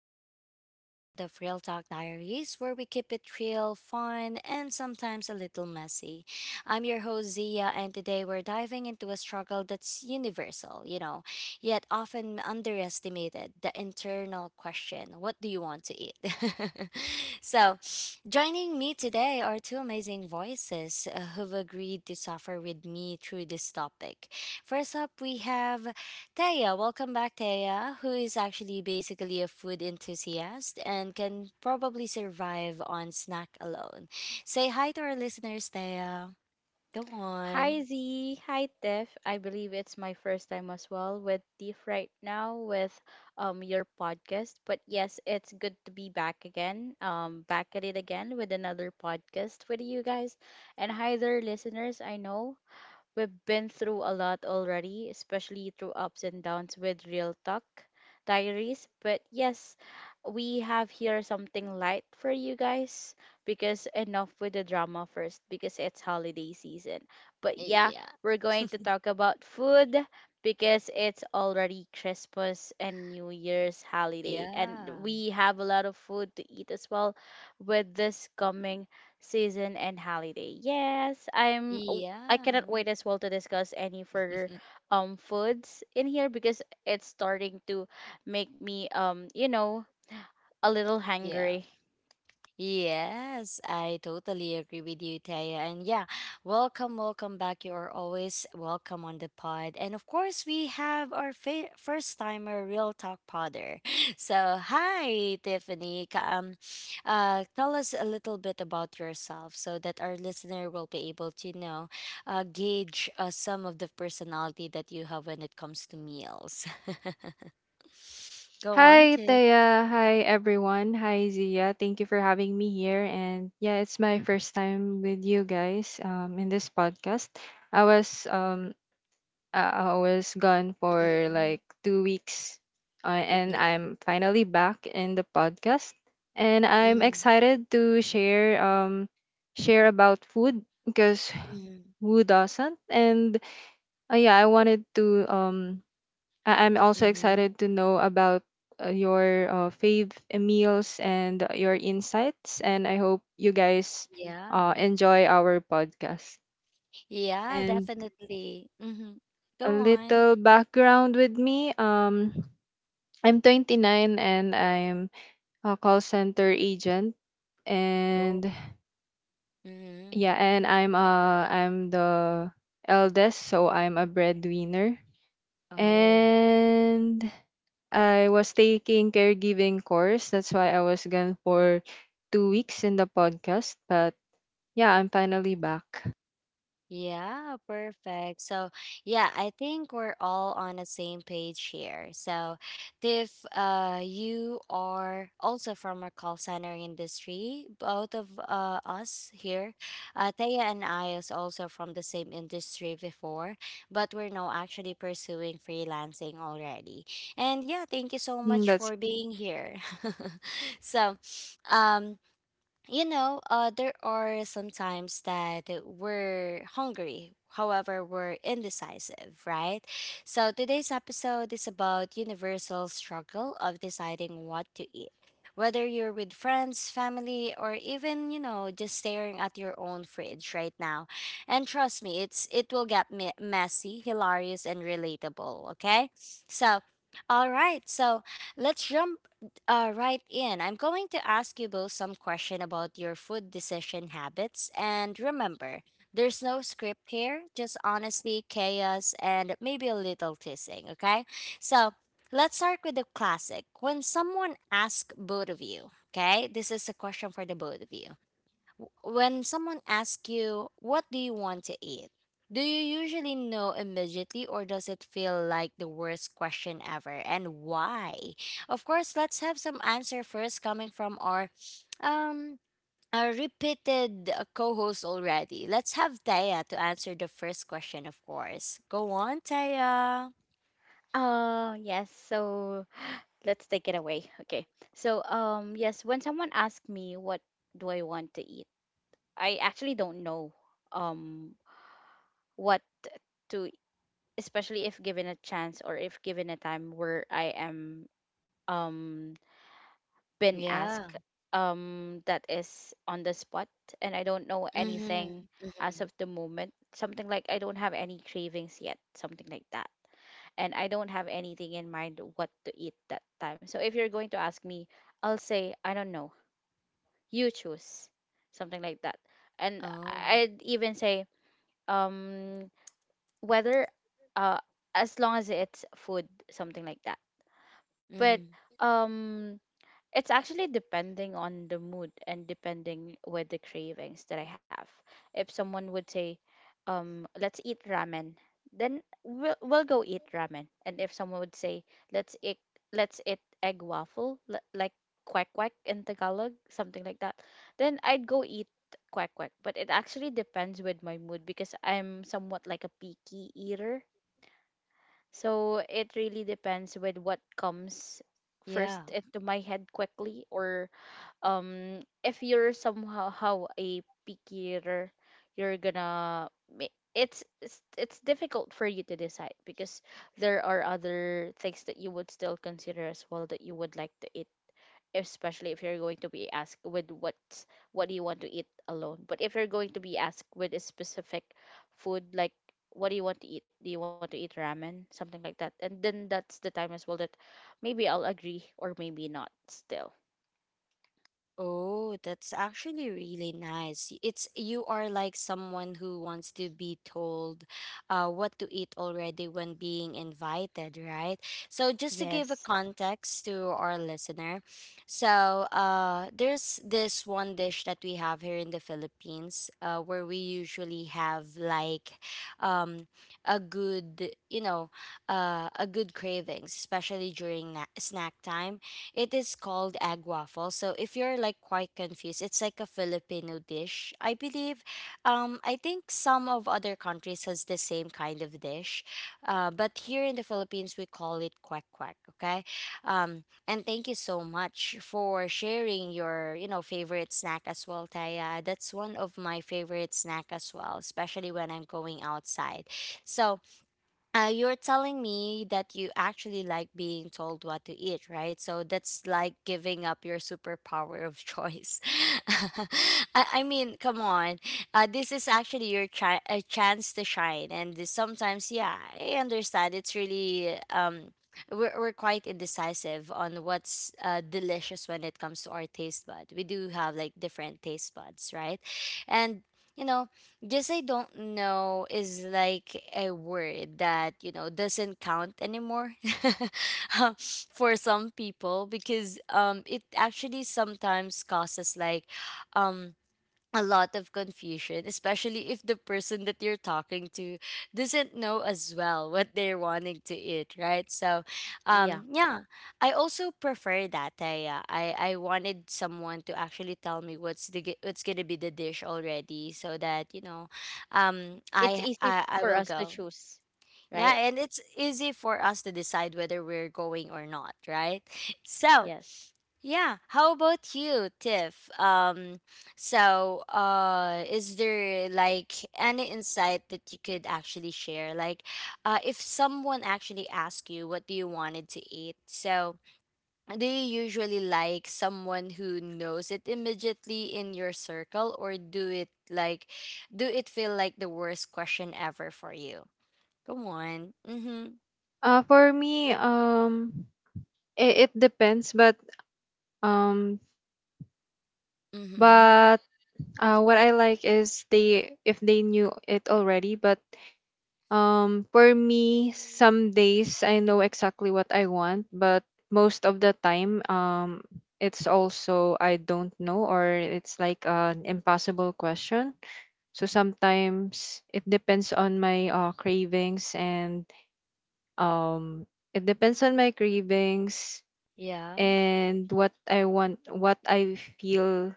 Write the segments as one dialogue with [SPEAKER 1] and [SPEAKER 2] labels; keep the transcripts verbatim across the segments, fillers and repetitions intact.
[SPEAKER 1] to another episode of Real Talk Diaries, where we keep it real, fun, and sometimes a little messy. I'm your host, Zia, and today we're diving into a struggle that's universal, you know, yet often underestimated the internal question what do you want to eat? so, Joining me today are two amazing voices uh, who've agreed to suffer with me through this topic. First up, we have Taya, welcome back, Taya, who is actually basically a food enthusiast and can probably survive on snack alone. Say hi to our listeners, Taya. Come
[SPEAKER 2] Hi
[SPEAKER 1] on.
[SPEAKER 2] Z, hi Tiff. I believe it's my first time as well with Tiff right now with um your podcast. But yes, it's good to be back again. Um back at it again with another podcast with you guys. And hi there listeners. I know we've been through a lot already, especially through ups and downs with Real Talk Diaries. But yes, we have here something light for you guys because enough with the drama first because it's holiday season. But yeah,
[SPEAKER 1] Yeah.
[SPEAKER 2] we're going to talk about food because it's already Christmas and New Year's holiday and
[SPEAKER 1] Yeah.
[SPEAKER 2] we have a lot of food to eat as well with this coming season and holiday. Yes, I'm I cannot
[SPEAKER 1] Yeah.
[SPEAKER 2] wait as well to discuss any further um foods in here because it's starting to make me um you know a little
[SPEAKER 1] Yeah.
[SPEAKER 2] hungry.
[SPEAKER 1] Yes, I totally agree with you, Taya. And yeah, welcome, welcome back. You are always welcome on the pod. And of course, we have our fa- first timer, Real Talk Podder. So, hi, Tiffany. Ka- Um, uh, tell us a little bit about yourself so that our listener will be able to know, uh, gauge uh, some of the personality that you have when it comes to meals. Go on,
[SPEAKER 3] Hi,
[SPEAKER 1] Tiff.
[SPEAKER 3] Taya. Hi, everyone. Hi, Zia. Thank you for having me here. And yeah, it's my first time with you guys um, in this podcast. I was um I I was gone for
[SPEAKER 1] Hmm.
[SPEAKER 3] like two weeks, uh, and
[SPEAKER 1] Yeah.
[SPEAKER 3] I'm finally back in the podcast. And I'm excited to share um share about food because who doesn't? And uh, yeah, I wanted to um I- I'm also
[SPEAKER 1] Mm-hmm.
[SPEAKER 3] excited to know about uh, your uh, fave meals and uh, your insights. And I hope you guys
[SPEAKER 1] Yeah.
[SPEAKER 3] uh, enjoy our podcast.
[SPEAKER 1] Yeah,
[SPEAKER 3] And
[SPEAKER 1] definitely. Mm-hmm.
[SPEAKER 3] a
[SPEAKER 1] Go on.
[SPEAKER 3] little background with me. Um, I'm twenty-nine and I'm a call center agent.
[SPEAKER 1] Oh.
[SPEAKER 3] And
[SPEAKER 1] Mm-hmm.
[SPEAKER 3] yeah, and I'm uh I'm the eldest, so I'm a breadwinner.
[SPEAKER 1] Oh.
[SPEAKER 3] And I was taking caregiving course. That's why I was gone for two weeks in the podcast. But yeah, I'm finally back.
[SPEAKER 1] Yeah, perfect. So, yeah, I think we're all on the same page here. So, if uh you are also from a call center industry, both of uh us here, uh Thea and I is also from the same industry before, but we're now actually pursuing freelancing already. And yeah, thank you so
[SPEAKER 3] Mm.
[SPEAKER 1] much
[SPEAKER 3] That's
[SPEAKER 1] for being here. so, um you know, uh, there are some times that we're hungry. However, we're indecisive, right? So today's episode is about universal struggle of deciding what to eat. Whether you're with friends, family, or even, you know, just staring at your own fridge right now. And trust me, it's it will get me- messy, hilarious, and relatable, okay? So, all right. So, let's jump uh, right in. I'm going to ask you both some question about your food decision habits. And remember, there's no script here, just honesty, chaos, and maybe a little teasing, okay? So let's start with the classic. When someone asks both of you, okay, this is a question for the both of you. W- When someone asks you, what do you want to eat? Do you usually know immediately or does it feel like the worst question ever and why? Of course, let's have some answer first coming from our um our repeated uh, co-host already. Let's have Taya to answer the first question, of course. Go on, Taya.
[SPEAKER 2] Uh yes, so let's take it away. Okay. So um yes, when someone asks me what do I want to eat, I actually don't know um what to, especially if given a chance or if given a time where I am um been
[SPEAKER 1] Yeah.
[SPEAKER 2] asked um that is on the spot and I don't know
[SPEAKER 1] Mhm.
[SPEAKER 2] anything as
[SPEAKER 1] Mhm.
[SPEAKER 2] of the moment. Something like I don't have any cravings yet, something like that. And I don't have anything in mind what to eat that time. So if you're going to ask me, I'll say, I don't know. You choose. Something like that. And
[SPEAKER 1] Oh.
[SPEAKER 2] I'd even say, um whether uh as long as it's food, something like that. But
[SPEAKER 1] Mhm.
[SPEAKER 2] um it's actually depending on the mood and depending with the cravings that I have. If someone would say, um, let's eat ramen, then we'll, we'll go eat ramen. And if someone would say, let's eat, let's eat egg waffle, li- like quack quack in Tagalog, something like that, then I'd go eat quack quack. But it actually depends with my mood because I'm somewhat like a picky eater. So it really depends with what comes first
[SPEAKER 1] Yeah.
[SPEAKER 2] into my head quickly, or um if you're somehow how a picky eater, you're gonna ma- it's, it's it's difficult for you to decide because there are other things that you would still consider as well that you would like to eat, especially if you're going to be asked with what what do you want to eat alone. But if you're going to be asked with a specific food, like what do you want to eat, do you want to eat ramen, something like that, and then that's the time as well that maybe I'll agree or maybe not still.
[SPEAKER 1] Oh, that's actually really nice. It's you are like someone who wants to be told uh, what to eat already when being invited, right? So just to give a
[SPEAKER 2] Yes.
[SPEAKER 1] context to our listener, so uh, there's this one dish that we have here in the Philippines uh, where we usually have like um, a good, you know, uh, a good cravings, especially during na- snack time it is called egg waffle. So if you're like quite confused, it's like a Filipino dish. I believe um I think some of other countries has the same kind of dish. Uh, but here in the Philippines we call it quack quack, okay? Um and thank you so much for sharing your, you know, favorite snack as well, Taya. That's one of my favorite snack as well, especially when I'm going outside. So uh, you're telling me that you actually like being told what to eat, right? So that's like giving up your superpower of choice. I, I mean, come on. Uh, this is actually your chi- a chance to shine. And this- sometimes, yeah, I understand. It's really, um, we're, we're quite indecisive on what's uh, delicious when it comes to our taste bud. We do have like different taste buds, right? And, you know, just I don't know is like a word that, you know, doesn't count anymore um, for some people because um it actually sometimes causes like um a lot of confusion, especially if the person that you're talking to doesn't know as well what they're wanting to eat, right? So, um,
[SPEAKER 2] Yeah,
[SPEAKER 1] yeah, I also prefer that. I, uh, I I wanted someone to actually tell me what's the g- what's gonna be the dish already, so that you know, um, I
[SPEAKER 2] it's easy
[SPEAKER 1] I,
[SPEAKER 2] f-
[SPEAKER 1] I will
[SPEAKER 2] for us to
[SPEAKER 1] go.
[SPEAKER 2] choose,
[SPEAKER 1] Yeah,
[SPEAKER 2] right?
[SPEAKER 1] and it's easy for us to decide whether we're going or not, right? So.
[SPEAKER 2] Yes,
[SPEAKER 1] Yeah. How about you, Tiff? Um, so, uh, is there like any insight that you could actually share? Like, uh, if someone actually asked you, what do you wanted to eat? So, do you usually like someone who knows it immediately in your circle, or do it like, do it feel like the worst question ever for you? Come on. Mm-hmm.
[SPEAKER 3] uh for me. Um, it, it depends, but um,
[SPEAKER 1] Mm-hmm.
[SPEAKER 3] but uh, what I like is they if they knew it already. But Um, for me,
[SPEAKER 1] Mm.
[SPEAKER 3] some days I know exactly what I want, but most of the time, um, it's also I don't know, or it's like an impossible question. So sometimes it depends on my uh, cravings and um, it depends on my cravings
[SPEAKER 1] Yeah.
[SPEAKER 3] and what I want, what I feel,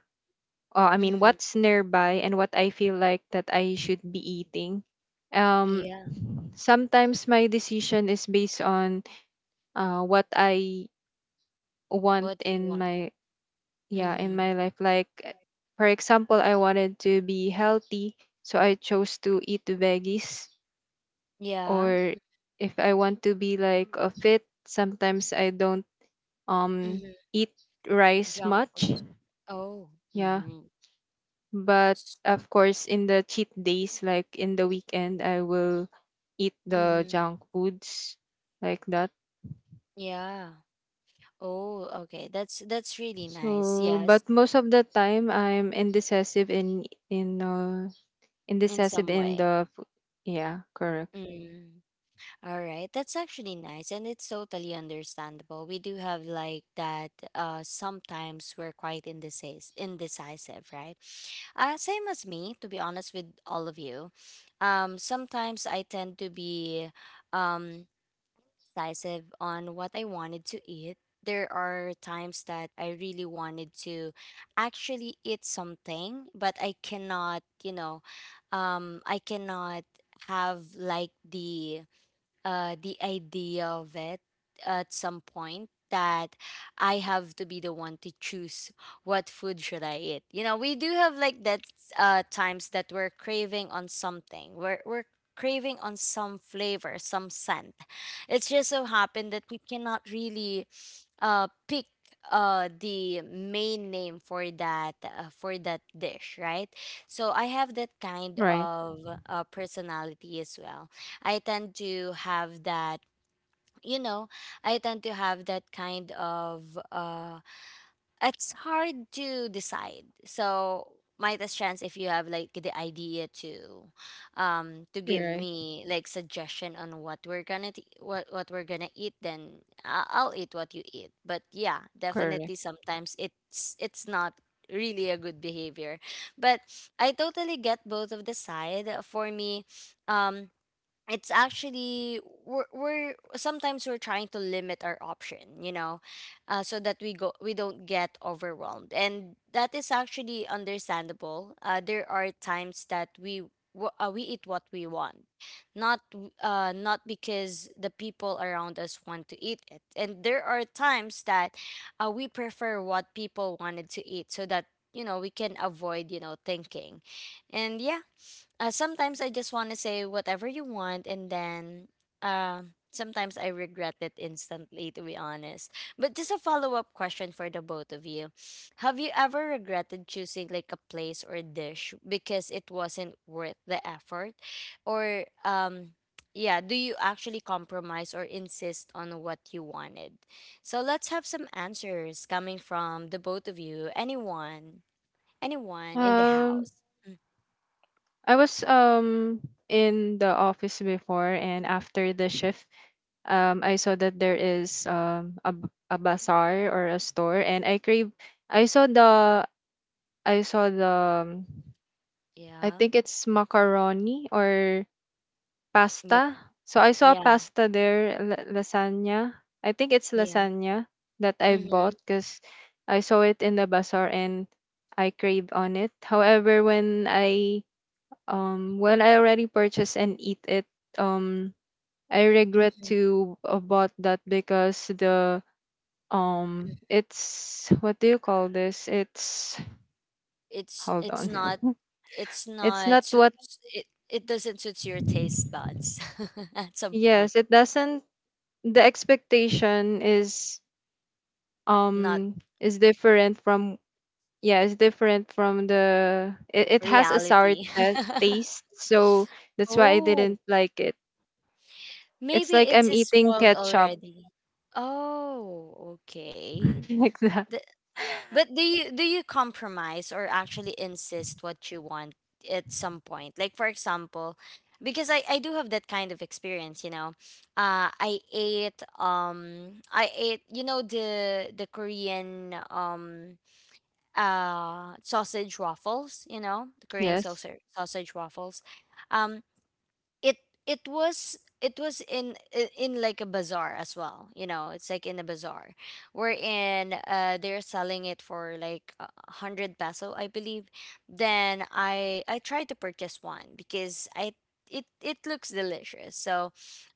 [SPEAKER 3] uh, I mean,
[SPEAKER 1] Mm-hmm.
[SPEAKER 3] what's nearby and what I feel like that I should be eating. Um,
[SPEAKER 1] Yeah.
[SPEAKER 3] Sometimes my decision is based on uh, what I want
[SPEAKER 1] What do you
[SPEAKER 3] in
[SPEAKER 1] want?
[SPEAKER 3] my yeah in
[SPEAKER 1] Mm-hmm.
[SPEAKER 3] my life. Like uh, for example, I wanted to be healthy, so I chose to eat veggies.
[SPEAKER 1] Yeah.
[SPEAKER 3] Or if I want to be like a fit, sometimes I don't um
[SPEAKER 1] Mm-hmm.
[SPEAKER 3] eat rice
[SPEAKER 1] Junk
[SPEAKER 3] much.
[SPEAKER 1] foods. Oh.
[SPEAKER 3] Yeah,
[SPEAKER 1] Mm-hmm.
[SPEAKER 3] but of course in the cheat days, like in the weekend, I will eat the
[SPEAKER 1] Mm-hmm.
[SPEAKER 3] junk foods like that.
[SPEAKER 1] Yeah. Oh, okay. That's that's really nice.
[SPEAKER 3] So,
[SPEAKER 1] Yes,
[SPEAKER 3] but most of the time I'm indecisive in in uh
[SPEAKER 1] in
[SPEAKER 3] indecisive
[SPEAKER 1] some
[SPEAKER 3] in
[SPEAKER 1] way.
[SPEAKER 3] the f- yeah, correct.
[SPEAKER 1] Mm. All right. That's actually nice and it's totally understandable. We do have like that uh sometimes we're quite indecis indecisive, right? Uh same as me, to be honest with all of you. Um sometimes I tend to be um decisive on what I wanted to eat. There are times that I really wanted to actually eat something, but I cannot, you know, um, I cannot have like the uh, the idea of it at some point that I have to be the one to choose what food should I eat. You know, we do have like that uh, times that we're craving on something. We're we're craving on some flavor, some scent. It's just so happened that we cannot really uh, pick uh the main name for that uh, for that dish, right? So I have that kind
[SPEAKER 3] Right.
[SPEAKER 1] of uh, personality as well. I tend to have that, you know, I tend to have that kind of uh it's hard to decide. So might as chance if you have like the idea to um to give
[SPEAKER 3] Right.
[SPEAKER 1] me like suggestion on what we're gonna t- what what we're gonna eat, then I- I'll eat what you eat. But yeah,
[SPEAKER 3] Correct.
[SPEAKER 1] definitely sometimes it's it's not really a good behavior, but I totally get both of the side. For me, um it's actually we're, we're sometimes we're trying to limit our option, you know, uh, so that we go we don't get overwhelmed, and that is actually understandable. Uh, there are times that we wa- uh, we eat what we want, not w- uh, not because the people around us want to eat it. And there are times that uh, we prefer what people wanted to eat so that you know we can avoid you know thinking. And yeah, uh, sometimes I just want to say whatever you want, and then um sometimes I regret it instantly, to be honest. But just a follow up question for the both of you: Have you ever regretted choosing like a place or dish because it wasn't worth the effort, or um? Yeah, do you actually compromise or insist on what you wanted? So let's have some answers coming from the both of you. Anyone, anyone in the
[SPEAKER 3] Um
[SPEAKER 1] house. Mm.
[SPEAKER 3] I was um in the office before and after the shift um I saw that there is um a, b- a bazaar or a store and I crave I saw the I saw the um, I think it's macaroni or
[SPEAKER 1] Yeah.
[SPEAKER 3] pasta? So I saw
[SPEAKER 1] Yeah,
[SPEAKER 3] pasta there, la- lasagna. I think it's
[SPEAKER 1] yeah.
[SPEAKER 3] lasagna that I
[SPEAKER 1] Mm-hmm.
[SPEAKER 3] bought because I saw it in the bazaar and I crave on it. However, when I um when I already purchase and eat it, um I regret
[SPEAKER 1] Mm-hmm.
[SPEAKER 3] to uh, bought that because the um it's what do you call this? It's
[SPEAKER 1] It's
[SPEAKER 3] hold on.
[SPEAKER 1] it's not it's
[SPEAKER 3] It's
[SPEAKER 1] not
[SPEAKER 3] not
[SPEAKER 1] suit-
[SPEAKER 3] what,
[SPEAKER 1] it it doesn't suit your taste buds at some point.
[SPEAKER 3] yes, it doesn't. The expectation is
[SPEAKER 1] Not
[SPEAKER 3] um is different from yeah it's different from the it, it has a sour
[SPEAKER 1] reality.
[SPEAKER 3] ta- taste so that's why I
[SPEAKER 1] Oh,
[SPEAKER 3] didn't like it. It's
[SPEAKER 1] maybe
[SPEAKER 3] like
[SPEAKER 1] it
[SPEAKER 3] I'm
[SPEAKER 1] is
[SPEAKER 3] eating
[SPEAKER 1] spoiled
[SPEAKER 3] ketchup
[SPEAKER 1] already. Oh, okay.
[SPEAKER 3] like that.
[SPEAKER 1] But do you do you compromise or actually insist what you want at some point? Like for example, because I, I do have that kind of experience, you know. Uh I ate um I ate you know the the Korean um uh sausage waffles, you know, the Korean
[SPEAKER 3] Yes,
[SPEAKER 1] sausage sausage waffles. Um, it it was it was in i- in like a bazaar as well, you know, it's like in a bazaar wherein uh they're selling it for like a one hundred peso, I believe. Then I I tried to purchase one because I it it looks delicious. So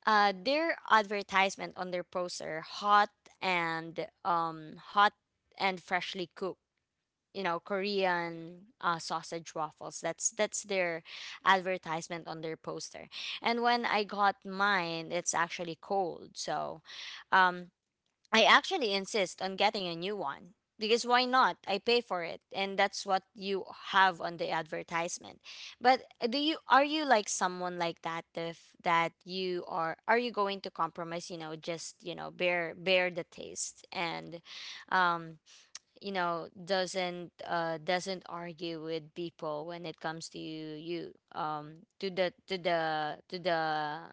[SPEAKER 1] uh their advertisement on their poster, hot and um hot and freshly cooked, you know, Korean uh, sausage waffles. That's that's their advertisement on their poster. And when I got mine, it's actually cold. So, um, I actually insist on getting a new one because why not? I pay for it, and that's what you have on the advertisement. But uh, do you, are you like someone like that? If that you are, are you going to compromise? You know, just you know, bear bear the taste, and, um, you know, doesn't uh doesn't argue with people when it comes to you um to the to the to the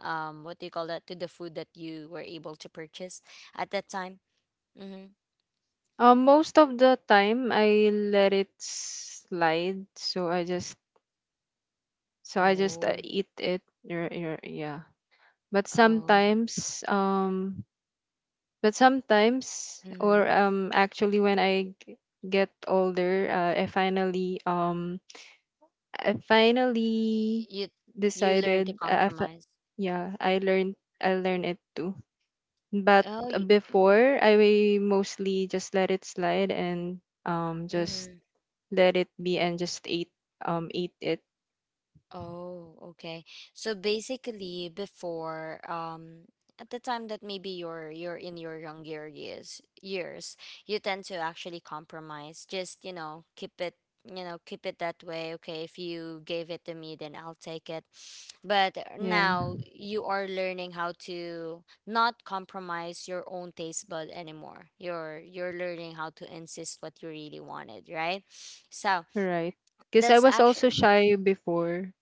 [SPEAKER 1] um what do you call that, to the food that you were able to purchase at that time. Mm-hmm.
[SPEAKER 3] um most of the time I let it slide, so i just so i just uh,
[SPEAKER 1] Oh.
[SPEAKER 3] eat it. Yer- yer- yeah, but
[SPEAKER 1] Oh.
[SPEAKER 3] sometimes um But sometimes, or
[SPEAKER 1] Mm-hmm.
[SPEAKER 3] um, actually, when I g- get older, uh, I finally um, I finally
[SPEAKER 1] you you learn to
[SPEAKER 3] decided. Uh, I fi-
[SPEAKER 1] compromise.
[SPEAKER 3] yeah, I learned. I learned it too. But
[SPEAKER 1] oh y-
[SPEAKER 3] before, I mostly just let it slide and um, just
[SPEAKER 1] mm-hmm.
[SPEAKER 3] let it be and just ate um ate it.
[SPEAKER 1] Oh, okay. So basically, before, um, at the time that maybe you're you're in your younger years, years, you tend to actually compromise. Just, you know, keep it, you know, keep it that way. Okay, if you gave it to me, then I'll take it. But
[SPEAKER 3] Yeah,
[SPEAKER 1] now you are learning how to not compromise your own taste bud anymore. You're you're learning how to insist what you really wanted, right? So
[SPEAKER 3] right. Because I
[SPEAKER 1] that's
[SPEAKER 3] was also
[SPEAKER 1] actually
[SPEAKER 3] shy before.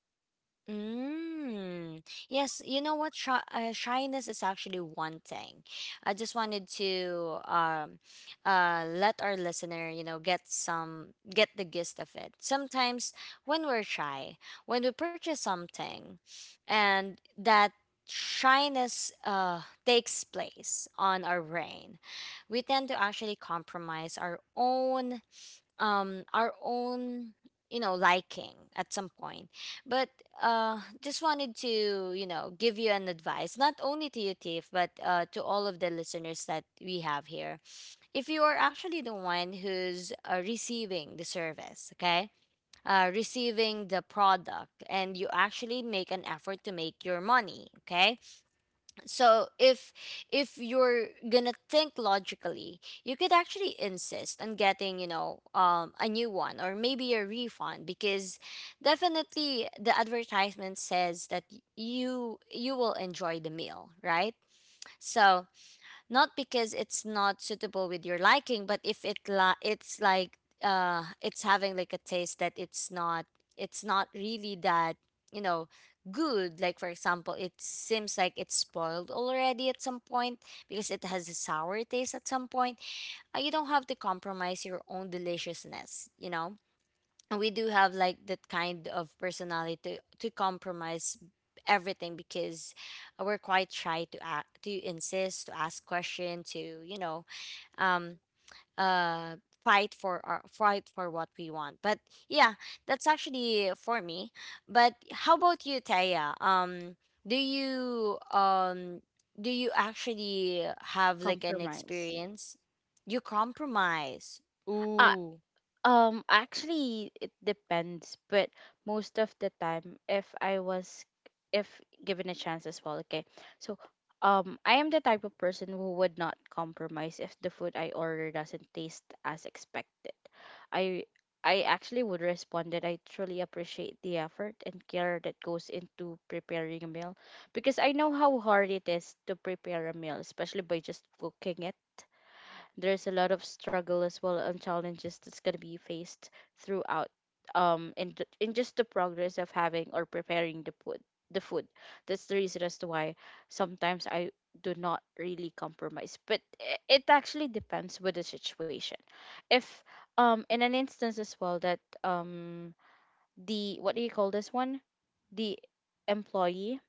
[SPEAKER 1] mm. Yes, you know what? Shy, uh, shyness is actually one thing. I just wanted to um, uh, let our listener, you know, get some get the gist of it. Sometimes when we're shy, when we purchase something, and that shyness uh, takes place on our brain, we tend to actually compromise our own um our own, you know, liking at some point. But uh just wanted to, you know, give you an advice, not only to you, Tiff, but uh to all of the listeners that we have here. If you are actually the one who's uh, receiving the service, okay, uh, receiving the product, and you actually make an effort to make your money, okay, so if if you're gonna think logically, you could actually insist on getting, you know, um, a new one or maybe a refund, because definitely the advertisement says that y- you you will enjoy the meal, right? So not because it's not suitable with your liking, but if it li- it's like uh it's having like a taste that it's not, it's not really that, you know, good. Like for example, it seems like it's spoiled already at some point, because it has a sour taste at some point. Uh, you don't have to compromise your own deliciousness, you know. We do have like that kind of personality to, to compromise everything, because we're quite shy to a to insist, to ask question, to, you know, um uh fight for our fight for what we want. But yeah, that's actually for me. But how about you, Taya? Um do you um do you actually have like an
[SPEAKER 2] compromise.
[SPEAKER 1] experience you compromise?
[SPEAKER 2] Uh,
[SPEAKER 1] Ooh,
[SPEAKER 2] Um, actually, it depends, but most of the time, if I was, if given a chance as well, okay. So, um, I am the type of person who would not compromise if the food I order doesn't taste as expected. I I actually would respond that I truly appreciate the effort and care that goes into preparing a meal because I know how hard it is to prepare a meal, especially by just cooking it. There's a lot of struggle as well and challenges that's going to be faced throughout, um in the, in just the progress of having or preparing the food the food. That's the reason as to why sometimes I do not really compromise, but i- it actually depends with the situation. If um in an instance as well that, um the what do you call this one, the employee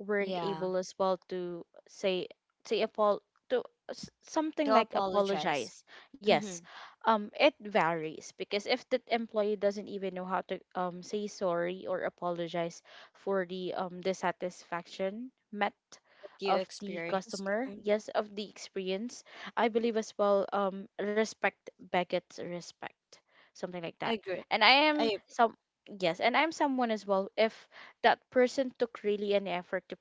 [SPEAKER 2] weren't
[SPEAKER 1] yeah.
[SPEAKER 2] able as well to say say apol to s-
[SPEAKER 1] To
[SPEAKER 2] something like
[SPEAKER 1] apologize.
[SPEAKER 2] apologize. Yes,
[SPEAKER 1] Mm-hmm.
[SPEAKER 2] um, it varies because if the employee doesn't even know how to um say sorry or apologize for the um dissatisfaction met
[SPEAKER 1] That you
[SPEAKER 2] of the
[SPEAKER 1] experienced.
[SPEAKER 2] customer,
[SPEAKER 1] Mm-hmm.
[SPEAKER 2] yes, of the experience, I believe as well, um respect begets respect, something like that.
[SPEAKER 1] Agree.
[SPEAKER 2] And I am
[SPEAKER 1] I
[SPEAKER 2] some Yes, and I'm someone as well, if that person took really an effort to,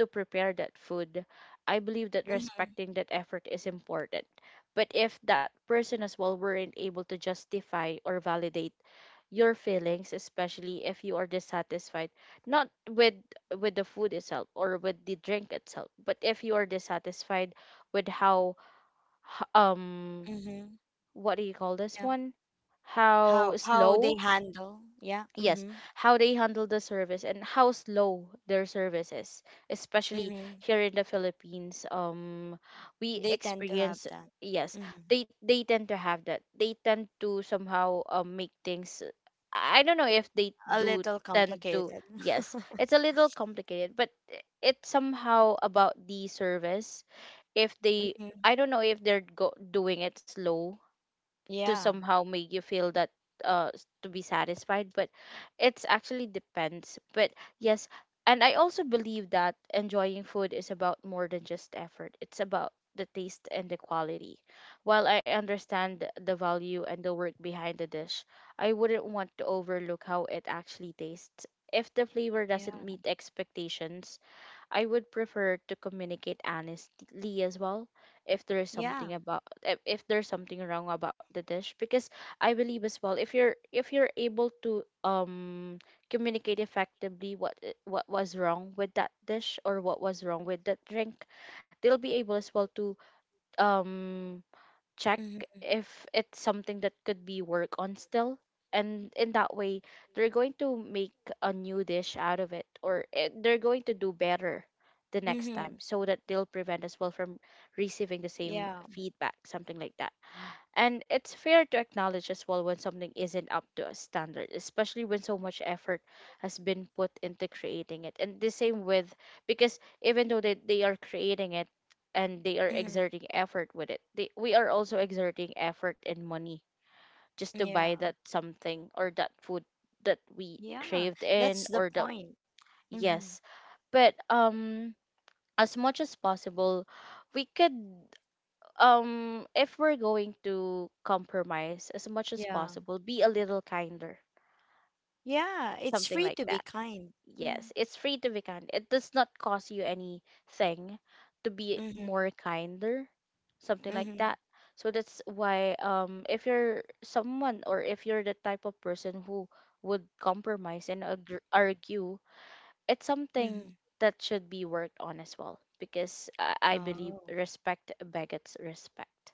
[SPEAKER 2] to prepare that food, I believe that
[SPEAKER 1] mm-hmm.
[SPEAKER 2] respecting that effort is important. But if that person as well weren't able to justify or validate your feelings, especially if you are dissatisfied, not with with the food itself or with the drink itself, but if you are dissatisfied with how h- um
[SPEAKER 1] Mm-hmm.
[SPEAKER 2] what do you call this
[SPEAKER 1] Yeah.
[SPEAKER 2] one? How
[SPEAKER 1] How how they
[SPEAKER 2] slow,
[SPEAKER 1] handle. Yeah.
[SPEAKER 2] yes,
[SPEAKER 1] Mm-hmm.
[SPEAKER 2] how they handle the service, and how slow their service is, especially
[SPEAKER 1] Mm-hmm.
[SPEAKER 2] here in the Philippines. um we
[SPEAKER 1] They tend to have
[SPEAKER 2] experience
[SPEAKER 1] that.
[SPEAKER 2] yes,
[SPEAKER 1] Mm-hmm.
[SPEAKER 2] they they tend to have that. They tend to somehow um, make things, I don't know if they
[SPEAKER 1] A
[SPEAKER 2] do
[SPEAKER 1] little
[SPEAKER 2] tend to,
[SPEAKER 1] complicated.
[SPEAKER 2] yes, it's a little complicated, but i- it's somehow about the service. If they,
[SPEAKER 1] Mm-hmm.
[SPEAKER 2] I don't know if they're go- doing it slow to
[SPEAKER 1] Yeah.
[SPEAKER 2] somehow make you feel that uh s- to be satisfied, but it's actually depends, but yes. And I also believe that enjoying food is about more than just effort. It's about the taste and the quality. While I understand the value and the work behind the dish, I wouldn't want to overlook how it actually tastes. If the flavor
[SPEAKER 1] Yeah.
[SPEAKER 2] doesn't meet expectations, I would prefer to communicate honestly as well if there is
[SPEAKER 1] Yeah.
[SPEAKER 2] something about, if, if there's something wrong about the dish, because I believe as well, if you're if you're able to um communicate effectively what i- what was wrong with that dish or what was wrong with that drink, they'll be able as well to um check
[SPEAKER 1] Mm-hmm.
[SPEAKER 2] if it's something that could be work on still. And in that way, they're going to make a new dish out of it, or it, they're going to do better the next time
[SPEAKER 1] Mm-hmm.
[SPEAKER 2] so that they'll prevent as well from receiving the same
[SPEAKER 1] Yeah.
[SPEAKER 2] feedback, something like that. And it's fair to acknowledge as well when something isn't up to a standard, especially when so much effort has been put into creating it. And the same with, because even though they, they are creating it and they are
[SPEAKER 1] Mm-hmm.
[SPEAKER 2] exerting effort with it, they, we are also exerting effort and money just to
[SPEAKER 1] Yeah.
[SPEAKER 2] buy that something or that food that we
[SPEAKER 1] Yeah.
[SPEAKER 2] craved
[SPEAKER 1] That's
[SPEAKER 2] in,
[SPEAKER 1] the
[SPEAKER 2] or that,
[SPEAKER 1] point. Mm-hmm.
[SPEAKER 2] yes. But um, as much as possible, we could, um if we're going to compromise, as much as
[SPEAKER 1] Yeah.
[SPEAKER 2] possible be a little kinder,
[SPEAKER 1] Yeah. It's
[SPEAKER 2] something
[SPEAKER 1] free
[SPEAKER 2] like
[SPEAKER 1] to be
[SPEAKER 2] that.
[SPEAKER 1] kind. Mm-hmm.
[SPEAKER 2] Yes, it's free to be kind. It does not cost you anything to be more kinder, something like
[SPEAKER 1] Mm-hmm.
[SPEAKER 2] that. So that's why, um if you're someone or if you're the type of person who would compromise and agr- argue, it's something
[SPEAKER 1] Mm-hmm.
[SPEAKER 2] that should be worked on as well, because i, I believe
[SPEAKER 1] Oh.
[SPEAKER 2] respect begets respect.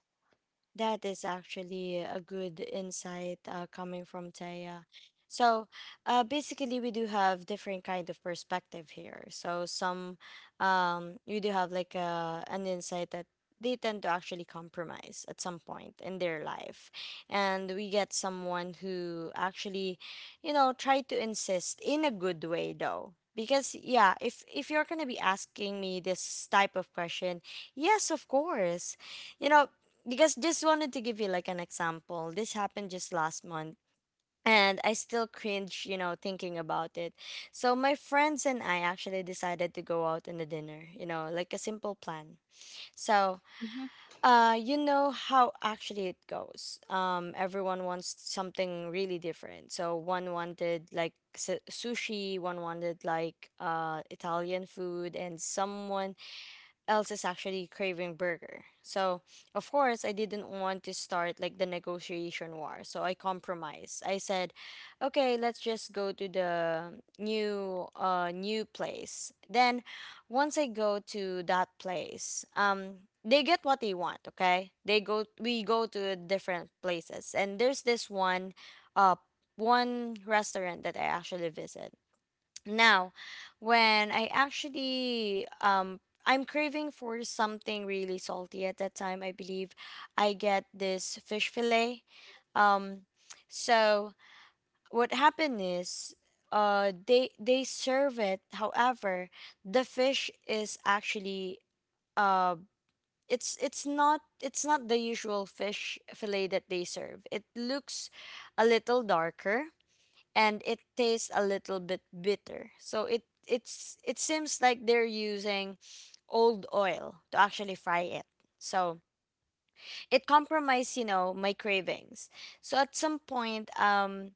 [SPEAKER 1] That is actually a good insight, uh, coming from Taya. So, uh, basically, we do have different kind of perspective here. So some, um, you do have like a, an insight that they tend to actually compromise at some point in their life, and we get someone who actually, you know, try to insist in a good way though. Because yeah, if if you're gonna be asking me this type of question, yes, of course, you know, because just wanted to give you like an example. This happened just last month and I still cringe, you know, thinking about it. So my friends and I actually decided to go out on a dinner, you know, like a simple plan. So,
[SPEAKER 2] Hmm.
[SPEAKER 1] uh you know how actually it goes. Um everyone wants something really different. So one wanted like su- sushi, one wanted like uh Italian food, and someone else is actually craving burger. So, of course, I didn't want to start like the negotiation war. So I compromised. I said, "Okay, let's just go to the new uh new place." Then once I go to that place, um they get what they want, okay? They go we go to different places. And there's this one uh one restaurant that I actually visit. Now, when I actually um I'm craving for something really salty at that time, I believe I get this fish fillet. Um so what happened is uh they they serve it. However, the fish is actually uh it's it's not it's not the usual fish fillet that they serve. It looks a little darker and it tastes a little bit bitter. So it it's it seems like they're using old oil to actually fry it. So it compromised, you know, my cravings. So at some point, um,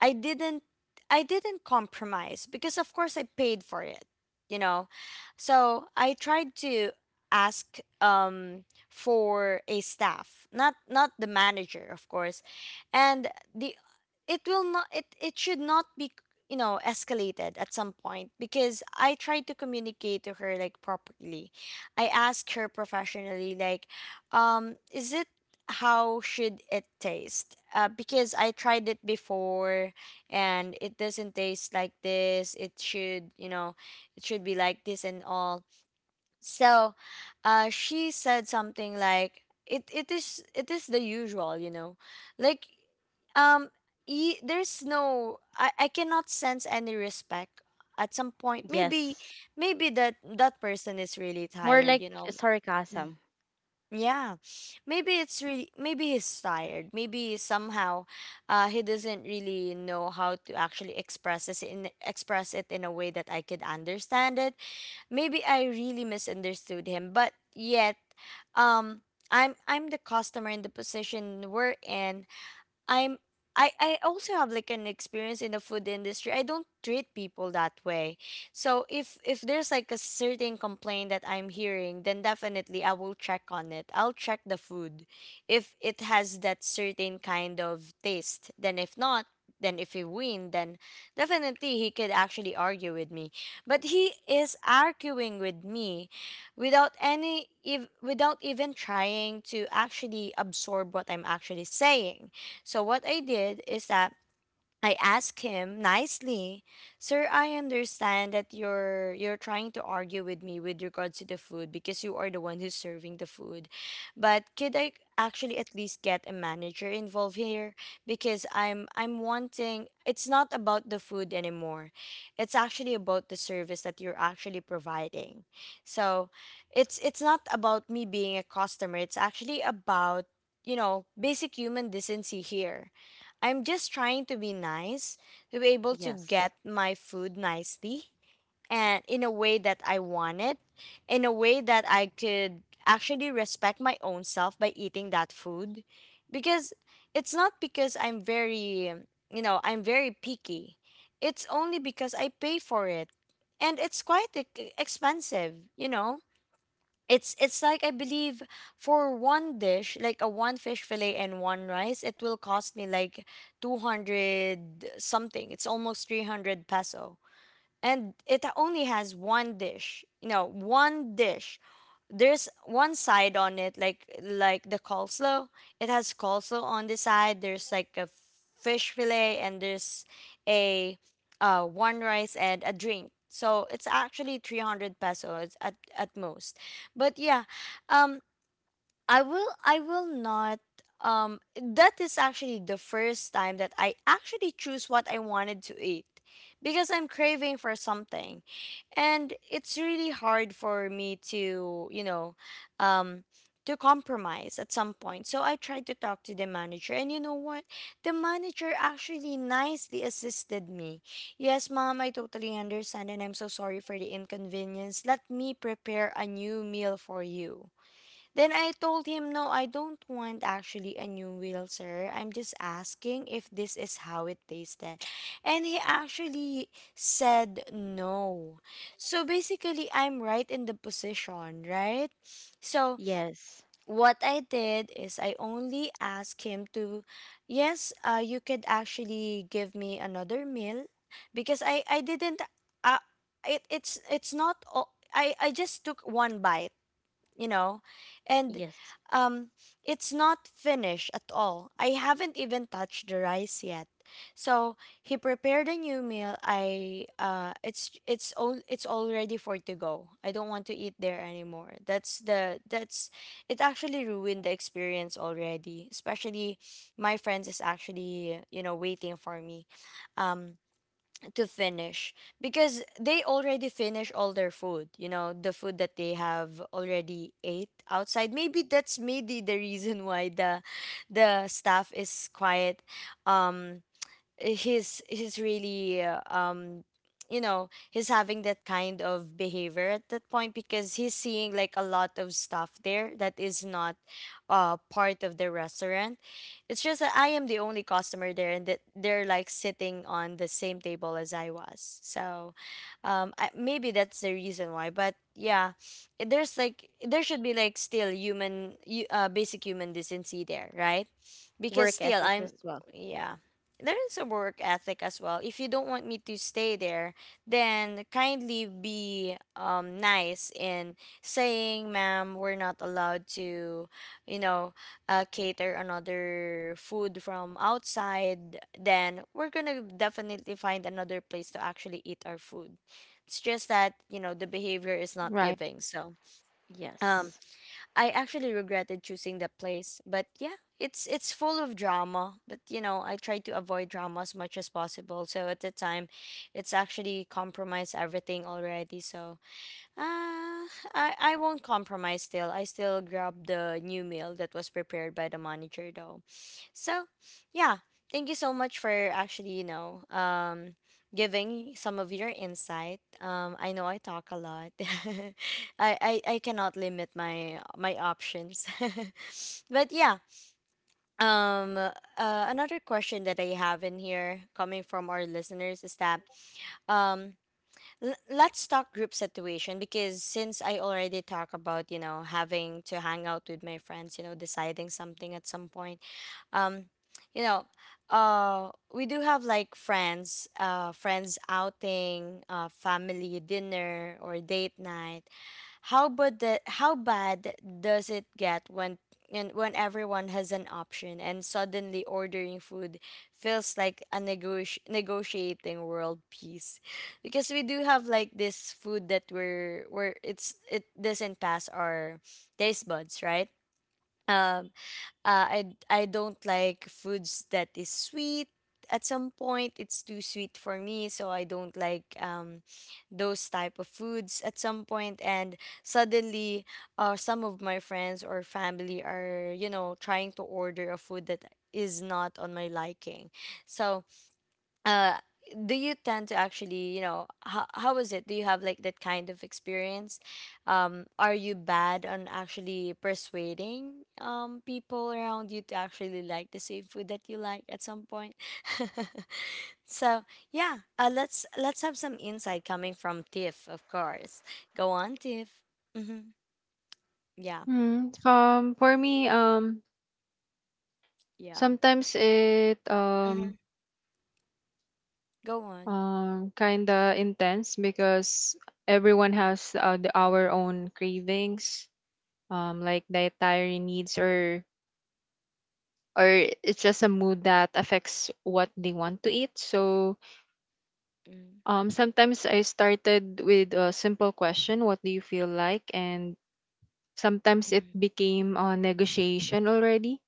[SPEAKER 1] I didn't, I didn't compromise, because of course I paid for it, you know. So I tried to ask um for a staff, not not the manager, of course. And the, it will not, it it should not be, you know, escalated at some point, because I tried to communicate to her like properly. I asked her professionally like, um is it, how should it taste? Uh, because I tried it before and it doesn't taste like this. It should, you know, it should be like this and all. So, uh, she said something like, "It it is, it is the usual, you know, like, um, y- there's no, I I cannot sense any respect at some point. Maybe
[SPEAKER 2] Yes.
[SPEAKER 1] maybe that that person is really
[SPEAKER 2] More
[SPEAKER 1] tired,
[SPEAKER 2] like
[SPEAKER 1] you know." Mm.
[SPEAKER 2] sarcasm.
[SPEAKER 1] Yeah, maybe it's really, maybe he's tired. Maybe somehow, uh, he doesn't really know how to actually express this in express it in a way that I could understand it. Maybe I really misunderstood him, but yet um I'm I'm the customer in the position we're in. I'm I, I also have like an experience in the food industry. I don't treat people that way. So if if there's like a certain complaint that I'm hearing, then definitely I will check on it. I'll check the food if it has that certain kind of taste. Then if not, then if he win, then definitely he could actually argue with me. But he is arguing with me without any if without even trying to actually absorb what I'm actually saying. So what I did is that I asked him nicely, "Sir, I understand that you're you're trying to argue with me with regards to the food, because you are the one who's serving the food. But could I actually at least get a manager involved here, because I'm I'm wanting, it's not about the food anymore. It's actually about the service that you're actually providing. So, it's it's not about me being a customer. It's actually about, you know, basic human decency here. I'm just trying to be nice, to be able to
[SPEAKER 2] Yes.
[SPEAKER 1] get my food nicely and in a way that I want it, in a way that I could actually respect my own self by eating that food. Because it's not because I'm very, you know, I'm very picky. It's only because I pay for it. And it's quite e- expensive, you know? It's it's like I believe for one dish, like a one fish fillet and one rice, it will cost me like two hundred something. It's almost three hundred peso and it only has one dish, you know, one dish. There's one side on it, like like the coleslaw. It has coleslaw on the side. There's like a fish fillet, and there's a, uh, one rice and a drink. So it's actually three hundred pesos at, at most. But yeah, um. I will, I will not, um that is actually the first time that I actually choose what I wanted to eat, because I'm craving for something and it's really hard for me to, you know, um to compromise at some point. So I tried to talk to the manager, and you know what? The manager actually nicely assisted me. Yes, ma'am, I totally understand and I'm so sorry for the inconvenience. Let me prepare a new meal for you. Then I told him, no, I don't want actually a new wheel, sir. I'm just asking if this is how it tasted. And he actually said no. So basically, I'm right in the position, right? So
[SPEAKER 2] Yes.
[SPEAKER 1] what I did is I only asked him to, yes, uh, you could actually give me another meal, because I, I didn't, uh, it, it's, it's not, o- I, I just took one bite, you know, and
[SPEAKER 2] Yes.
[SPEAKER 1] um it's not finished at all. I haven't even touched the rice yet. So he prepared a new meal. I uh it's it's all it's all ready for it to go. I don't want to eat there anymore. That's the, that's, it actually ruined the experience already, especially my friends is actually, you know, waiting for me um to finish, because they already finish all their food, you know, the food that they have already ate outside. Maybe that's, maybe the reason why the the staff is quiet. um he's he's really uh, um you know, he's having that kind of behavior at that point, because he's seeing like a lot of stuff there that is not uh part of the restaurant. It's just that I am the only customer there and that they're like sitting on the same table as I was. So um I, maybe that's the reason why. But yeah, i- there's like there should be like still human hu- uh, basic human decency there, right? Because
[SPEAKER 2] Work
[SPEAKER 1] still
[SPEAKER 2] ethics
[SPEAKER 1] I'm,
[SPEAKER 2] as well.
[SPEAKER 1] yeah, there's a work ethic as well. If you don't want me to stay there, then kindly be um, nice in saying, ma'am, we're not allowed to, you know, uh, cater another food from outside. Then we're going to definitely find another place to actually eat our food. It's just that, you know, the behavior is not
[SPEAKER 3] Right.
[SPEAKER 1] giving. So, um,
[SPEAKER 2] Yes.
[SPEAKER 1] I actually regretted choosing the place, but yeah, it's it's full of drama. But you know, I try to avoid drama as much as possible. So at the time, it's actually compromised everything already. So uh, I, I won't compromise still. I still grab the new meal that was prepared by the manager though. So, yeah, thank you so much for actually, you know, um, giving some of your insight. Um, I know I talk a lot. I, I, I cannot limit my my options. but yeah, um, uh, another question that I have in here coming from our listeners is that, um, L- let's talk group situation because since I already talk about, you know, having to hang out with my friends, you know, deciding something at some point um you know uh we do have like friends, uh friends outing, uh family dinner, or date night. How but the How bad does it get when and when everyone has an option and suddenly ordering food feels like a negoti- negotiating world peace, because we do have like this food that we're where it's, it doesn't pass our taste buds, right? Um. Uh, I I don't like foods that is sweet. At some point, it's too sweet for me, so I don't like um, those type of foods at some point. And suddenly, uh, some of my friends or family are, you know, trying to order a food that is not on my liking. So, uh do you tend to actually, you know, how, how is it? Do you have like that kind of experience? Um are you bad on actually persuading um people around you to actually like the same food that you like at some point? So yeah, uh, let's let's have some insight coming from Tiff, of course. Go on, Tiff. Mm-hmm. Yeah.
[SPEAKER 3] Mm, um, for me, um,
[SPEAKER 1] Yeah.
[SPEAKER 3] sometimes it
[SPEAKER 1] Mm-hmm.
[SPEAKER 3] um,
[SPEAKER 1] Go on.
[SPEAKER 3] um, kinda intense because everyone has uh, the, our own cravings, um like dietary needs, or or it's just a mood that affects what they want to eat. So
[SPEAKER 1] Mm-hmm.
[SPEAKER 3] um sometimes I started with a simple question, what do you feel like, and sometimes it became a negotiation already.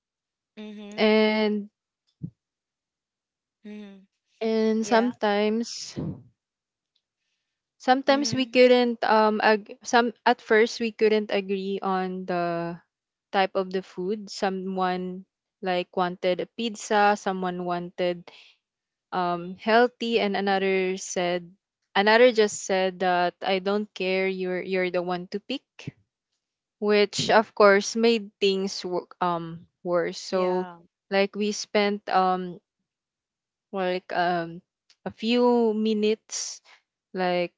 [SPEAKER 1] Mm-hmm.
[SPEAKER 3] and
[SPEAKER 1] Mm-hmm.
[SPEAKER 3] and
[SPEAKER 1] Yeah.
[SPEAKER 3] sometimes sometimes we
[SPEAKER 1] Mm-hmm.
[SPEAKER 3] couldn't um ag- some at first we couldn't agree on the type of the food. Someone like wanted a pizza, someone wanted um, healthy, and
[SPEAKER 1] Mm-hmm.
[SPEAKER 3] another said, another just said that I don't care. You're you're the one to pick, which of course made things wo- um worse. So
[SPEAKER 1] Yeah.
[SPEAKER 3] like we spent um like um a few minutes, like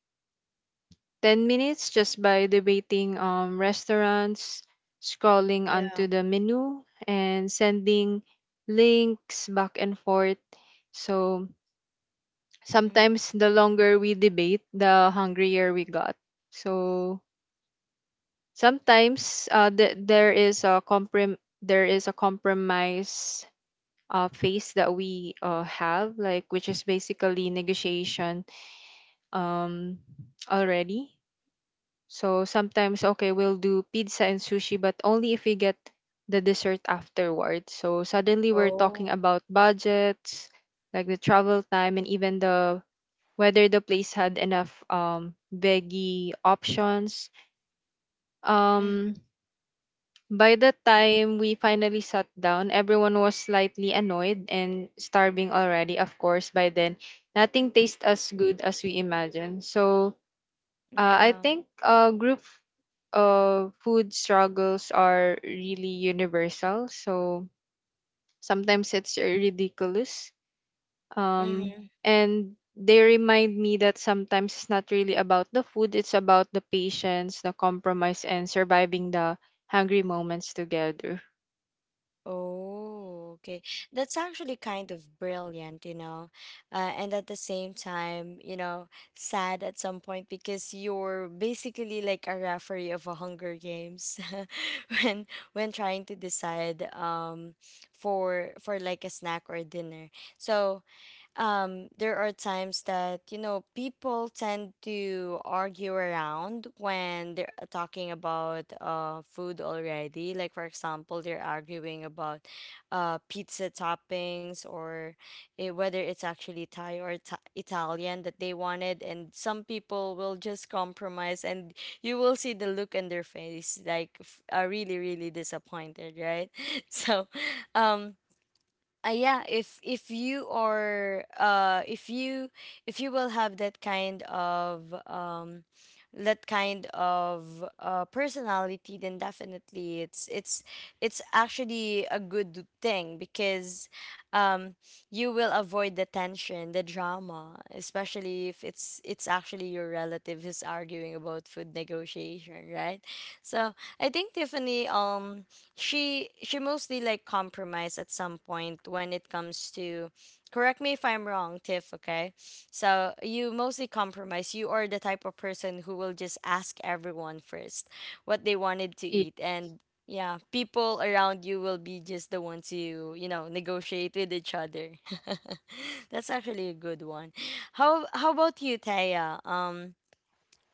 [SPEAKER 3] ten minutes, just by debating um, restaurants, scrolling onto
[SPEAKER 1] Yeah.
[SPEAKER 3] the menu, and sending links back and forth. So
[SPEAKER 1] Mm.
[SPEAKER 3] sometimes the longer we debate, the hungrier we got. So sometimes uh, th- there is a comprom- there is a compromise uh, phase that we uh, have, like, which is basically negotiation um, already. So sometimes okay, we'll do pizza and sushi, but only if we get the dessert afterward. So suddenly we're
[SPEAKER 1] Oh.
[SPEAKER 3] talking about budgets, like the travel time, and even the whether the place had enough um veggie options.
[SPEAKER 1] Mhm.
[SPEAKER 3] Um by the time we finally sat down, everyone was slightly annoyed and starving already. Of course, by then, nothing tastes as good as we imagined. So, uh, I
[SPEAKER 1] Yeah.
[SPEAKER 3] think uh, group uh, food struggles are really universal. So, sometimes it's ridiculous, um,
[SPEAKER 1] Mhm.
[SPEAKER 3] and they remind me that sometimes it's not really about the food, it's about the patience, the compromise, and surviving the hungry moments together.
[SPEAKER 1] Oh, okay. That's actually kind of brilliant, you know, uh, and at the same time, you know, sad at some point because you're basically like a referee of a Hunger Games. when when trying to decide um for for like a snack or dinner. So um, there are times that, you know, people tend to argue around when they're talking about uh, food already, like for example, they're arguing about uh, pizza toppings, or eh, whether it's actually Thai or Ita- italian that they wanted, and some people will just compromise and you will see the look on their face like f- are really really disappointed, right? So um uh, yeah, if if you are, uh if you if you will have that kind of um that kind of uh personality, then definitely it's it's it's actually a good thing because um you will avoid the tension, the drama, especially if it's it's actually your relative who's arguing about food negotiation, right? So I think Tiffany, um she she mostly like compromised at some point when it comes to, correct me if I'm wrong, Tiff, okay? So you mostly compromise. You are the type of person who will just ask everyone first what they wanted to
[SPEAKER 3] Ye-
[SPEAKER 1] eat, and yeah, people around you will be just the ones you, you know, negotiate with each other. That's actually a good one. How how about you, Taya? um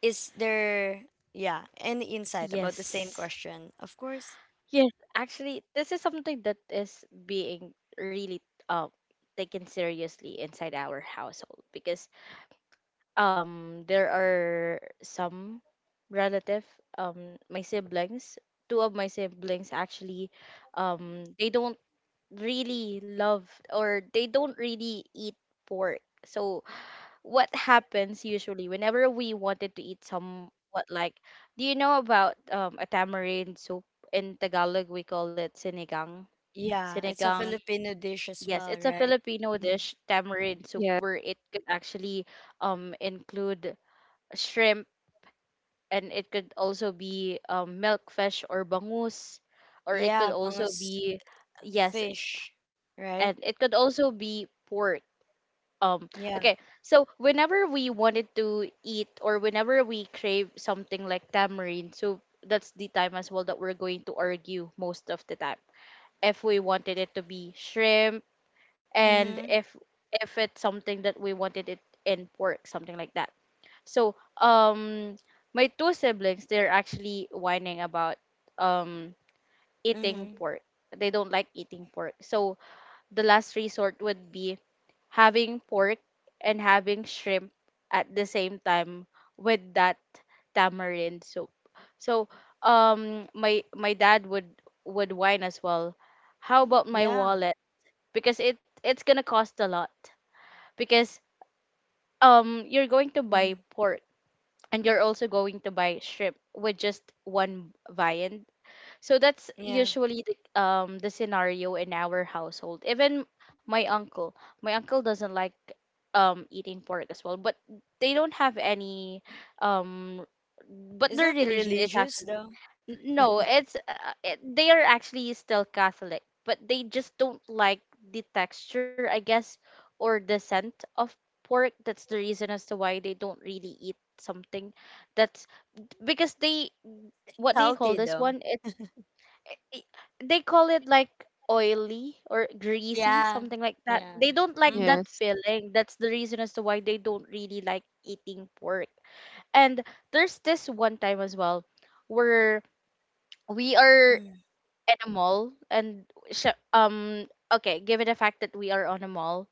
[SPEAKER 1] Is there, yeah, any insight about the same
[SPEAKER 2] Yes.
[SPEAKER 1] question, of course?
[SPEAKER 2] Yes. Actually, this is something that is being really uh, taken seriously inside our household, because um there are some relative, um my siblings, two of my siblings actually, um they don't really love or they don't really eat pork. So what happens usually whenever we wanted to eat some, what like, do you know about um, a tamarind soup? In Tagalog we call it sinigang.
[SPEAKER 1] Yeah, it's a
[SPEAKER 2] Sinigang,
[SPEAKER 1] Filipino dish as
[SPEAKER 2] yes,
[SPEAKER 1] well,
[SPEAKER 2] it's a
[SPEAKER 1] right?
[SPEAKER 2] Filipino
[SPEAKER 1] Mhm.
[SPEAKER 2] dish, tamarind soup,
[SPEAKER 3] yeah.
[SPEAKER 2] where it could actually um include shrimp, and it could also be um, milkfish or bangus, or it
[SPEAKER 1] Yeah,
[SPEAKER 2] could also
[SPEAKER 1] bangus,
[SPEAKER 2] be,
[SPEAKER 1] uh,
[SPEAKER 2] yes,
[SPEAKER 1] fish, right?
[SPEAKER 2] and it could also be pork. um
[SPEAKER 1] Yeah.
[SPEAKER 2] okay, so whenever we wanted to eat or whenever we crave something like tamarind so, that's the time as well that we're going to argue most of the time, if we wanted it to be shrimp, and
[SPEAKER 1] Mm-hmm.
[SPEAKER 2] if if it's something that we wanted it in pork, something like that. So um my two siblings, they're actually whining about um eating
[SPEAKER 1] Mm-hmm.
[SPEAKER 2] pork. They don't like eating pork. So the last resort would be having pork and having shrimp at the same time with that tamarind soup. So um my my dad would would whine as well. How about my
[SPEAKER 1] Yeah.
[SPEAKER 2] wallet? Because it it's gonna cost a lot. Because um you're going to
[SPEAKER 1] Mm-hmm.
[SPEAKER 2] buy pork and you're also going to buy shrimp with just one viand. So that's
[SPEAKER 1] Yeah.
[SPEAKER 2] usually the um the scenario in our household. Even my uncle, my uncle doesn't like um eating pork as well, but they don't have any um but
[SPEAKER 1] Is
[SPEAKER 2] their
[SPEAKER 1] that
[SPEAKER 2] religion is
[SPEAKER 1] religious
[SPEAKER 2] actually,
[SPEAKER 1] though?
[SPEAKER 2] n- no, it's uh, it, they are actually still Catholic, but they just don't like the texture, I guess, or the scent of pork. That's the reason as to why they don't really eat something that's, because they, what do you call
[SPEAKER 1] Healthy
[SPEAKER 2] this
[SPEAKER 1] though.
[SPEAKER 2] one? It's i- they call it like oily or greasy,
[SPEAKER 1] Yeah.
[SPEAKER 2] something like that.
[SPEAKER 1] Yeah.
[SPEAKER 2] They don't like
[SPEAKER 1] Mm-hmm.
[SPEAKER 2] that
[SPEAKER 3] Yes.
[SPEAKER 2] feeling. That's the reason as to why they don't really like eating pork. And there's this one time as well where we are in a mall and sh- um okay, given the fact that we are on a mall,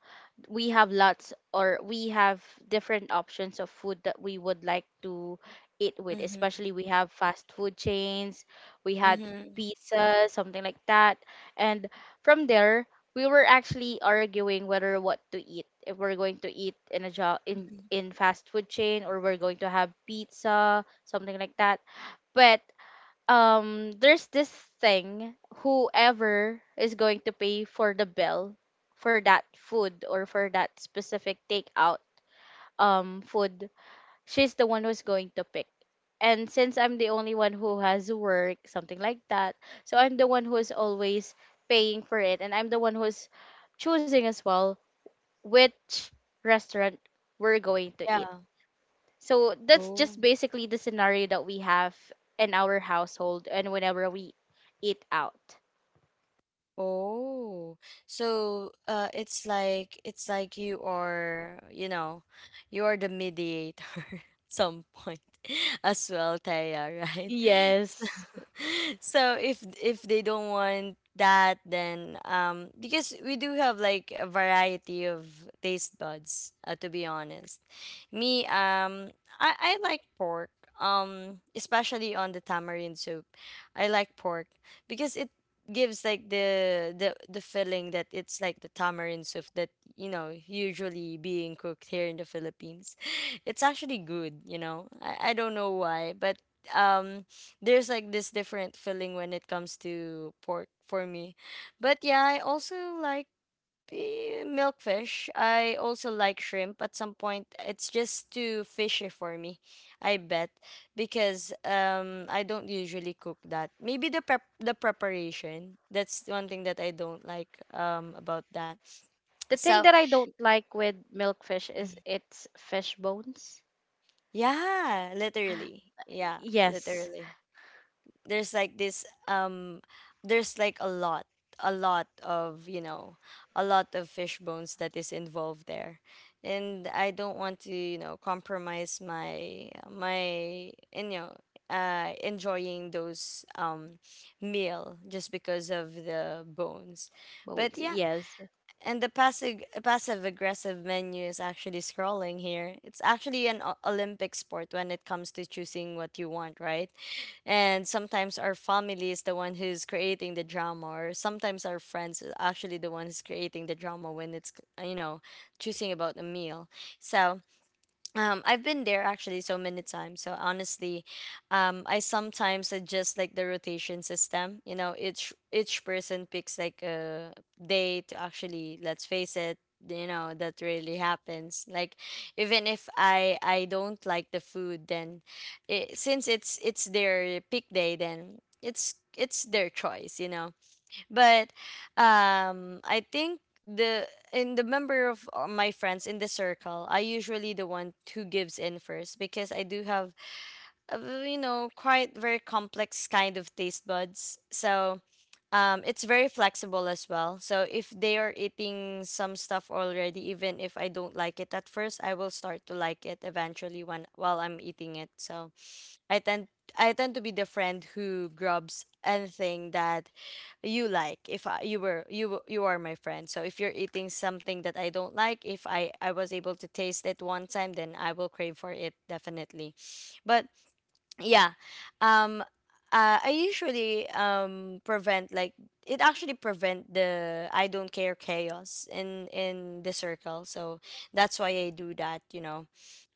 [SPEAKER 2] we have lots, or we have different options of food that we would like to eat with,
[SPEAKER 1] Mm-hmm.
[SPEAKER 2] especially we have fast food chains. We had
[SPEAKER 1] Mm-hmm.
[SPEAKER 2] pizza, something like that, and from there we were actually arguing whether what to eat, if we're going to eat in a jo- in
[SPEAKER 1] Mm-hmm.
[SPEAKER 2] in fast food chain or we're going to have pizza, something like that. But um there's this thing, whoever is going to pay for the bill for that food or for that specific takeout um food, she's the one who's going to pick. And since I'm the only one who has work, something like that, so I'm the one who's always paying for it, and I'm the one who's choosing as well which restaurant we're going to
[SPEAKER 1] Yeah.
[SPEAKER 2] eat. So that's
[SPEAKER 1] Oh.
[SPEAKER 2] just basically the scenario that we have in our household and whenever we eat out.
[SPEAKER 1] Oh, so uh, it's like, it's like you are, you know, you are the mediator at some point as well, Taya, right?
[SPEAKER 2] Yes.
[SPEAKER 1] So if if they don't want that, then um because we do have like a variety of taste buds, uh, to be honest. Me, um i I like pork, um especially on the tamarind soup. I like pork because it gives like the the the feeling that it's like the tamarind soup that, you know, usually being cooked here in the Philippines. It's actually good, you know. i, I don't know why, but um there's like this different feeling when it comes to pork for me. But yeah, I also like eh, milkfish. I also like shrimp at some point. It's just too fishy for me, I bet, because um I don't usually cook that. Maybe the prep the preparation. That's one thing that I don't like um about that.
[SPEAKER 2] The thing
[SPEAKER 1] So,
[SPEAKER 2] that I don't like with milkfish is its fish bones.
[SPEAKER 1] yeah, literally. Yeah,
[SPEAKER 2] Yes.
[SPEAKER 1] literally. There's like this um there's like a lot, a lot of, you know, a lot of fish bones that is involved there, and I don't want to, you know, compromise my my and, you know, uh enjoying those um meal just because of the bones. But
[SPEAKER 2] Bones,
[SPEAKER 1] yeah.
[SPEAKER 2] yes.
[SPEAKER 1] And the passive passive aggressive menu is actually scrolling here. It's actually an o- Olympic sport when it comes to choosing what you want, right? And sometimes our family is the one who's creating the drama, or sometimes our friends is actually the one who's creating the drama when it's, you know, choosing about the meal. So um, I've been there actually so many times. So honestly, um, I sometimes suggest like the rotation system. You know, each each person picks like a day to actually. Let's face it, you know that really happens. Like even if I I don't like the food, then it, since it's it's their pick day, then it's it's their choice. You know, but um, I think the in the member of uh, my friends in the circle, I usually the one who gives in first because I do have a v- you know, quite very complex kind of taste buds. So um, it's very flexible as well. So if they are eating some stuff already, even if I don't like it at first, I will start to like it eventually when while I'm eating it. So I tend I tend to be the friend who grabs anything that you like. If I, you were you w- you are my friend, so if you're eating something that I don't like, if I I was able to taste it one time, then I will crave for it definitely. But yeah, um uh, I usually um prevent like, it actually prevent the I don't care chaos in in the circle, so that's why I do that, you know.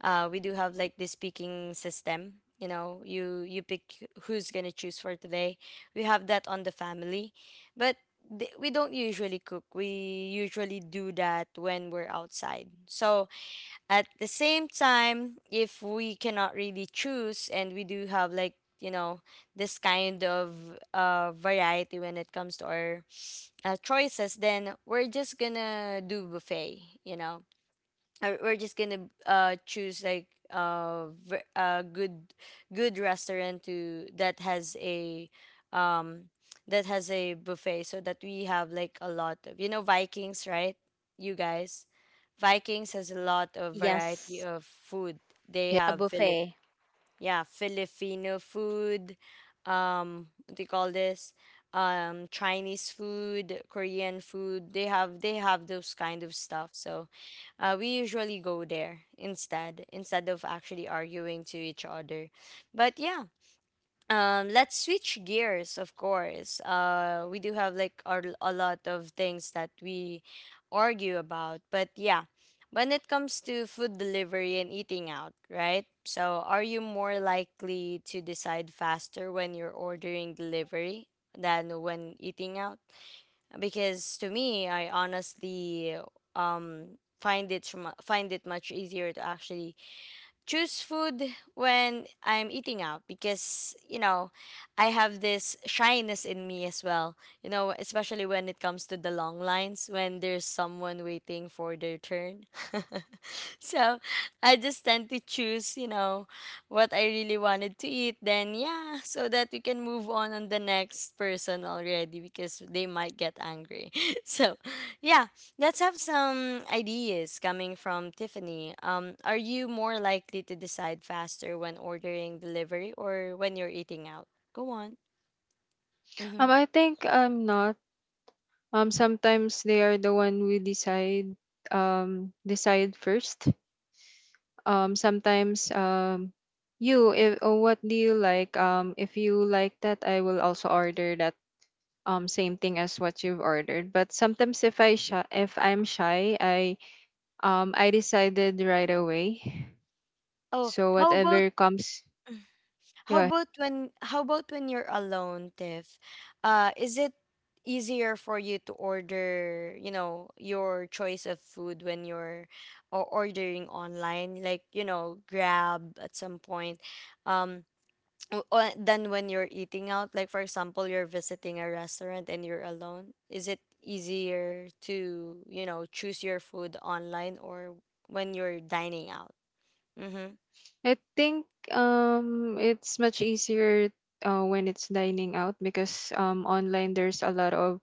[SPEAKER 1] uh We do have like this picking system, you know, you you pick who's gonna choose for today. We have that on the family, but th- we don't usually cook. We usually do that when we're outside. So at the same time, if we cannot really choose and we do have like, you know, this kind of uh, variety when it comes to our uh, choices, then we're just gonna do buffet, you know, uh, we're just gonna uh choose like uh ver- a good good restaurant to that has a um that has a buffet, so that we have like a lot of, you know, Vikings, right? You guys, Vikings has a lot of variety
[SPEAKER 2] Yes.
[SPEAKER 1] of food. They
[SPEAKER 3] Yeah,
[SPEAKER 2] A
[SPEAKER 1] have Philip
[SPEAKER 2] buffet.
[SPEAKER 1] yeah, Filipino food, um, what do you call this? Um, Chinese food, Korean food. They have, they have those kind of stuff. So, uh, we usually go there instead, instead of actually arguing to each other. But yeah, um, let's switch gears, of course. Uh, we do have like our, a lot of things that we argue about, but yeah, when it comes to food delivery and eating out, right? So, are you more likely to decide faster when you're ordering delivery than when eating out? Because to me, I honestly um find it sma- find it much easier to actually choose food when I'm eating out, because you know, I have this shyness in me as well. You know, especially when it comes to the long lines when there's someone waiting for their turn. So I just tend to choose, you know, what I really wanted to eat. Then yeah, so that we can move on on the next person already because they might get angry. So yeah, let's have some ideas coming from Tiffany. Um, are you more likely to decide faster when ordering delivery or when you're eating out? Go on.
[SPEAKER 3] um
[SPEAKER 1] Mm-hmm.
[SPEAKER 3] i think I'm not um sometimes they are the one who decide, um decide first. Um sometimes um you if, oh, what do you like, um if you like that I will also order that, um same thing as what you've ordered. But sometimes if I shy, if I'm shy, I um I decided right away,
[SPEAKER 1] Oh,
[SPEAKER 3] so
[SPEAKER 1] how about
[SPEAKER 3] whatever comes. Go
[SPEAKER 1] how
[SPEAKER 3] ahead.
[SPEAKER 1] about when how about when you're alone, Tiff? Uh, is it easier for you to order, you know, your choice of food when you're or ordering online, like you know, Grab at some point? Um, w- o- than when you're eating out? Like for example, you're visiting a restaurant and you're alone. Is it easier to, you know, choose your food online or when you're dining out? Mm-hmm.
[SPEAKER 3] I think um it's much easier uh, when it's dining out because um online there's a lot of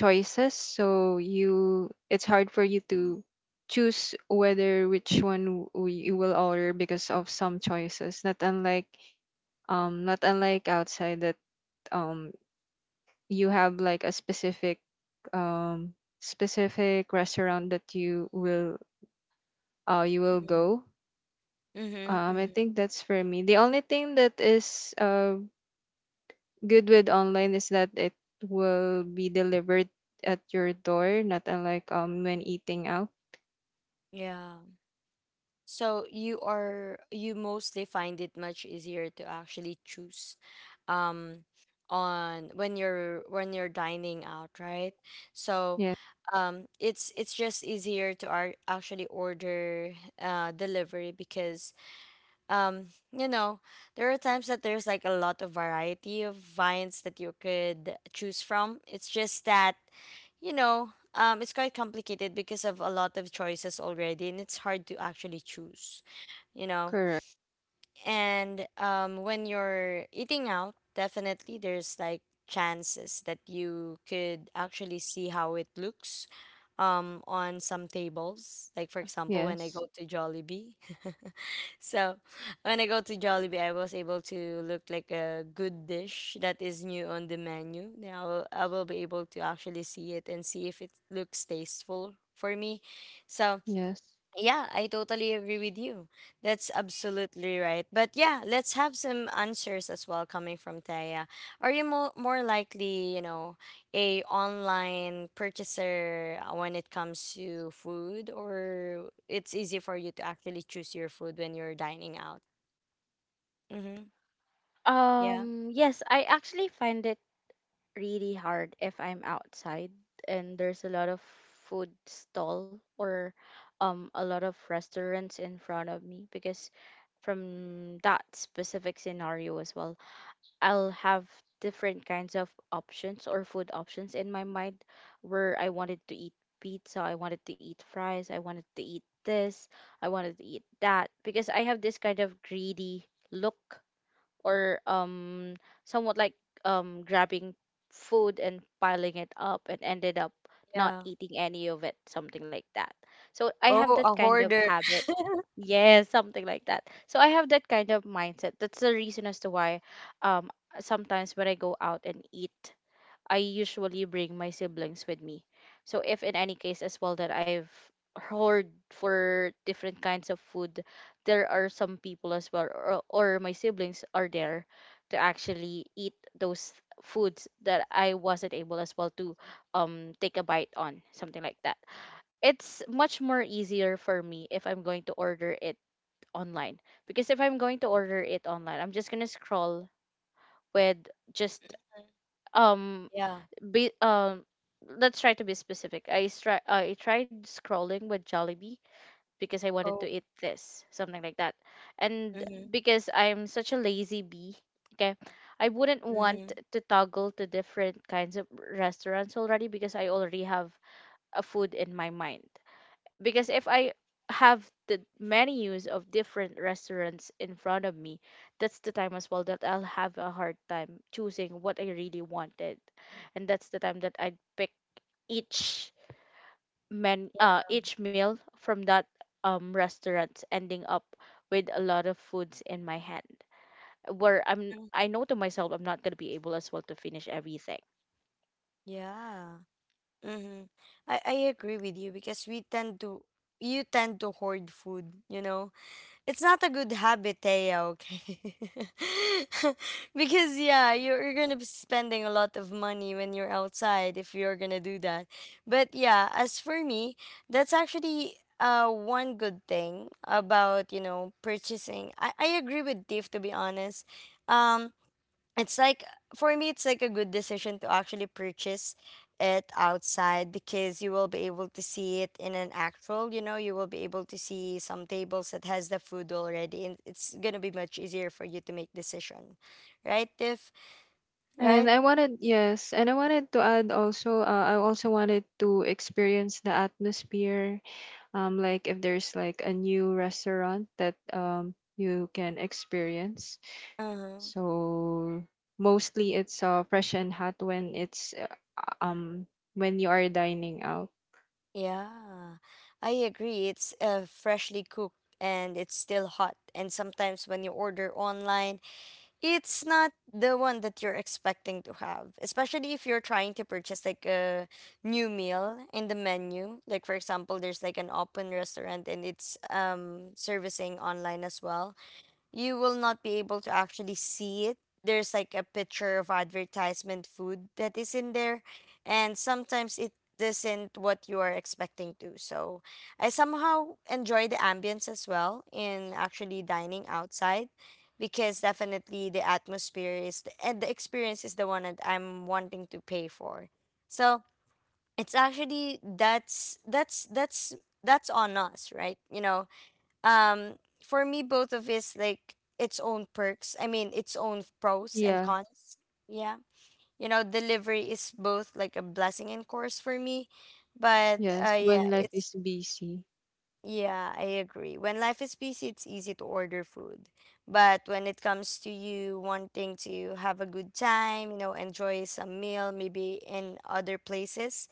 [SPEAKER 3] choices, so you it's hard for you to choose whether which one w- you will order because of some choices, not unlike um not unlike outside, that um you have like a specific um specific restaurant that you will uh you will go.
[SPEAKER 1] Mm-hmm.
[SPEAKER 3] um i
[SPEAKER 1] Mm-hmm.
[SPEAKER 3] think that's for me the only thing that is uh good with online is that it will be delivered at your door, not unlike um when eating out.
[SPEAKER 1] Yeah. So you are you mostly find it much easier to actually choose um on when you're when you're dining out, right? So
[SPEAKER 3] Yeah,
[SPEAKER 1] um it's it's just easier to ar- actually order uh delivery because um you know there are times that there's like a lot of variety of vines that you could choose from. It's just that, you know, um it's quite complicated because of a lot of choices already, and it's hard to actually choose, you know.
[SPEAKER 3] correct.
[SPEAKER 1] And um, when you're eating out, definitely there's like chances that you could actually see how it looks, um, on some tables. Like for example, when I
[SPEAKER 3] Yes.
[SPEAKER 1] go to Jollibee. So when I go to Jollibee, I was able to look like a good dish that is new on the menu. Now I will I will be able to actually see it and see if it looks tasteful for me. So
[SPEAKER 3] Yes,
[SPEAKER 1] yeah, I totally agree with you. That's absolutely right. But yeah, let's have some answers as well coming from Taya. Are you mo- more likely, you know, a online purchaser uh, when it comes to food, or it's easy for you to actually choose your food when you're dining out? Mm-hmm. Yeah.
[SPEAKER 2] Um, yes, I actually find it really hard if I'm outside and there's a lot of food stall or um a lot of restaurants in front of me, because from that specific scenario as well, I'll have different kinds of options or food options in my mind where I wanted to eat pizza, I wanted to eat fries, I wanted to eat this, I wanted to eat that, because I have this kind of greedy look or um somewhat like um grabbing food and piling it up and ended up not
[SPEAKER 1] Yeah.
[SPEAKER 2] eating any of it, something like that. So I have
[SPEAKER 1] Oh,
[SPEAKER 2] that
[SPEAKER 1] a
[SPEAKER 2] kind of
[SPEAKER 1] hoarder.
[SPEAKER 2] habit. Yes, something like that. So I have that kind of mindset. That's the reason as to why um sometimes when I go out and eat, I usually bring my siblings with me. So if in any case as well that I've heard for different kinds of food, there are some people as well, or, or my siblings are there to actually eat those foods that I wasn't able as well to um take a bite on, something like that. It's much more easier for me if I'm going to order it online, because if I'm going to order it online, I'm just going to scroll with just um
[SPEAKER 1] Yeah.
[SPEAKER 2] be um let's try to be specific. i stri- I tried scrolling with Jollibee because I wanted to
[SPEAKER 1] Oh.
[SPEAKER 2] eat this, something like that. And
[SPEAKER 1] Mm-hmm.
[SPEAKER 2] because I'm such a lazy bee, okay, I wouldn't want
[SPEAKER 1] Mm-hmm.
[SPEAKER 2] to toggle to different kinds of restaurants already because I already have a food in my mind. Because if I have the menus of different restaurants in front of me, that's the time as well that I'll have a hard time choosing what I really wanted, and that's the time that I'd pick each men uh each meal from that um restaurant, ending up with a lot of foods in my hand where I'm, I know to myself I'm not gonna be able as well to finish everything.
[SPEAKER 1] Yeah. Mm-hmm. I, I agree with you because we tend to you tend to hoard food, you know. It's not a good habit, Thea, okay? Because yeah, you're, you're gonna be spending a lot of money when you're outside if you're gonna do that. But yeah, as for me, that's actually uh one good thing about, you know, purchasing. I, I agree with Tiff to be honest. Um it's like for me it's like a good decision to actually purchase it outside because you will be able to see it in an actual, you know, you will be able to see some tables that has the food already, and it's gonna be much easier for you to make decision, right Tiff?
[SPEAKER 3] and
[SPEAKER 1] Right.
[SPEAKER 3] I wanted yes, and I wanted to add also, uh, I also wanted to experience the atmosphere, um, like if there's like a new restaurant that um, you can experience.
[SPEAKER 1] Uh-huh.
[SPEAKER 3] So mostly it's uh, fresh and hot when it's uh, um when you are dining out.
[SPEAKER 1] Yeah, I agree, it's uh, freshly cooked and it's still hot, and sometimes when you order online it's not the one that you're expecting to have, especially if you're trying to purchase like a new meal in the menu. Like for example, there's like an open restaurant and it's um servicing online as well. You will not be able to actually see it. There's like a picture of advertisement food that is in there, and sometimes it isn't what you are expecting to. So I somehow enjoy the ambience as well in actually dining outside because definitely the atmosphere is the, and the experience is the one that I'm wanting to pay for. So it's actually that's that's that's that's on us, right? You know, um for me both of is like its own perks, I mean its own pros and
[SPEAKER 3] Yeah,
[SPEAKER 1] cons. Yeah, you know, delivery is both like a blessing and curse for me, but
[SPEAKER 3] yes,
[SPEAKER 1] uh yeah,
[SPEAKER 3] when life
[SPEAKER 1] it's
[SPEAKER 3] is busy.
[SPEAKER 1] yeah, I agree when life is busy, it's easy to order food, but when it comes to you wanting to have a good time, you know, enjoy some meal maybe in other places,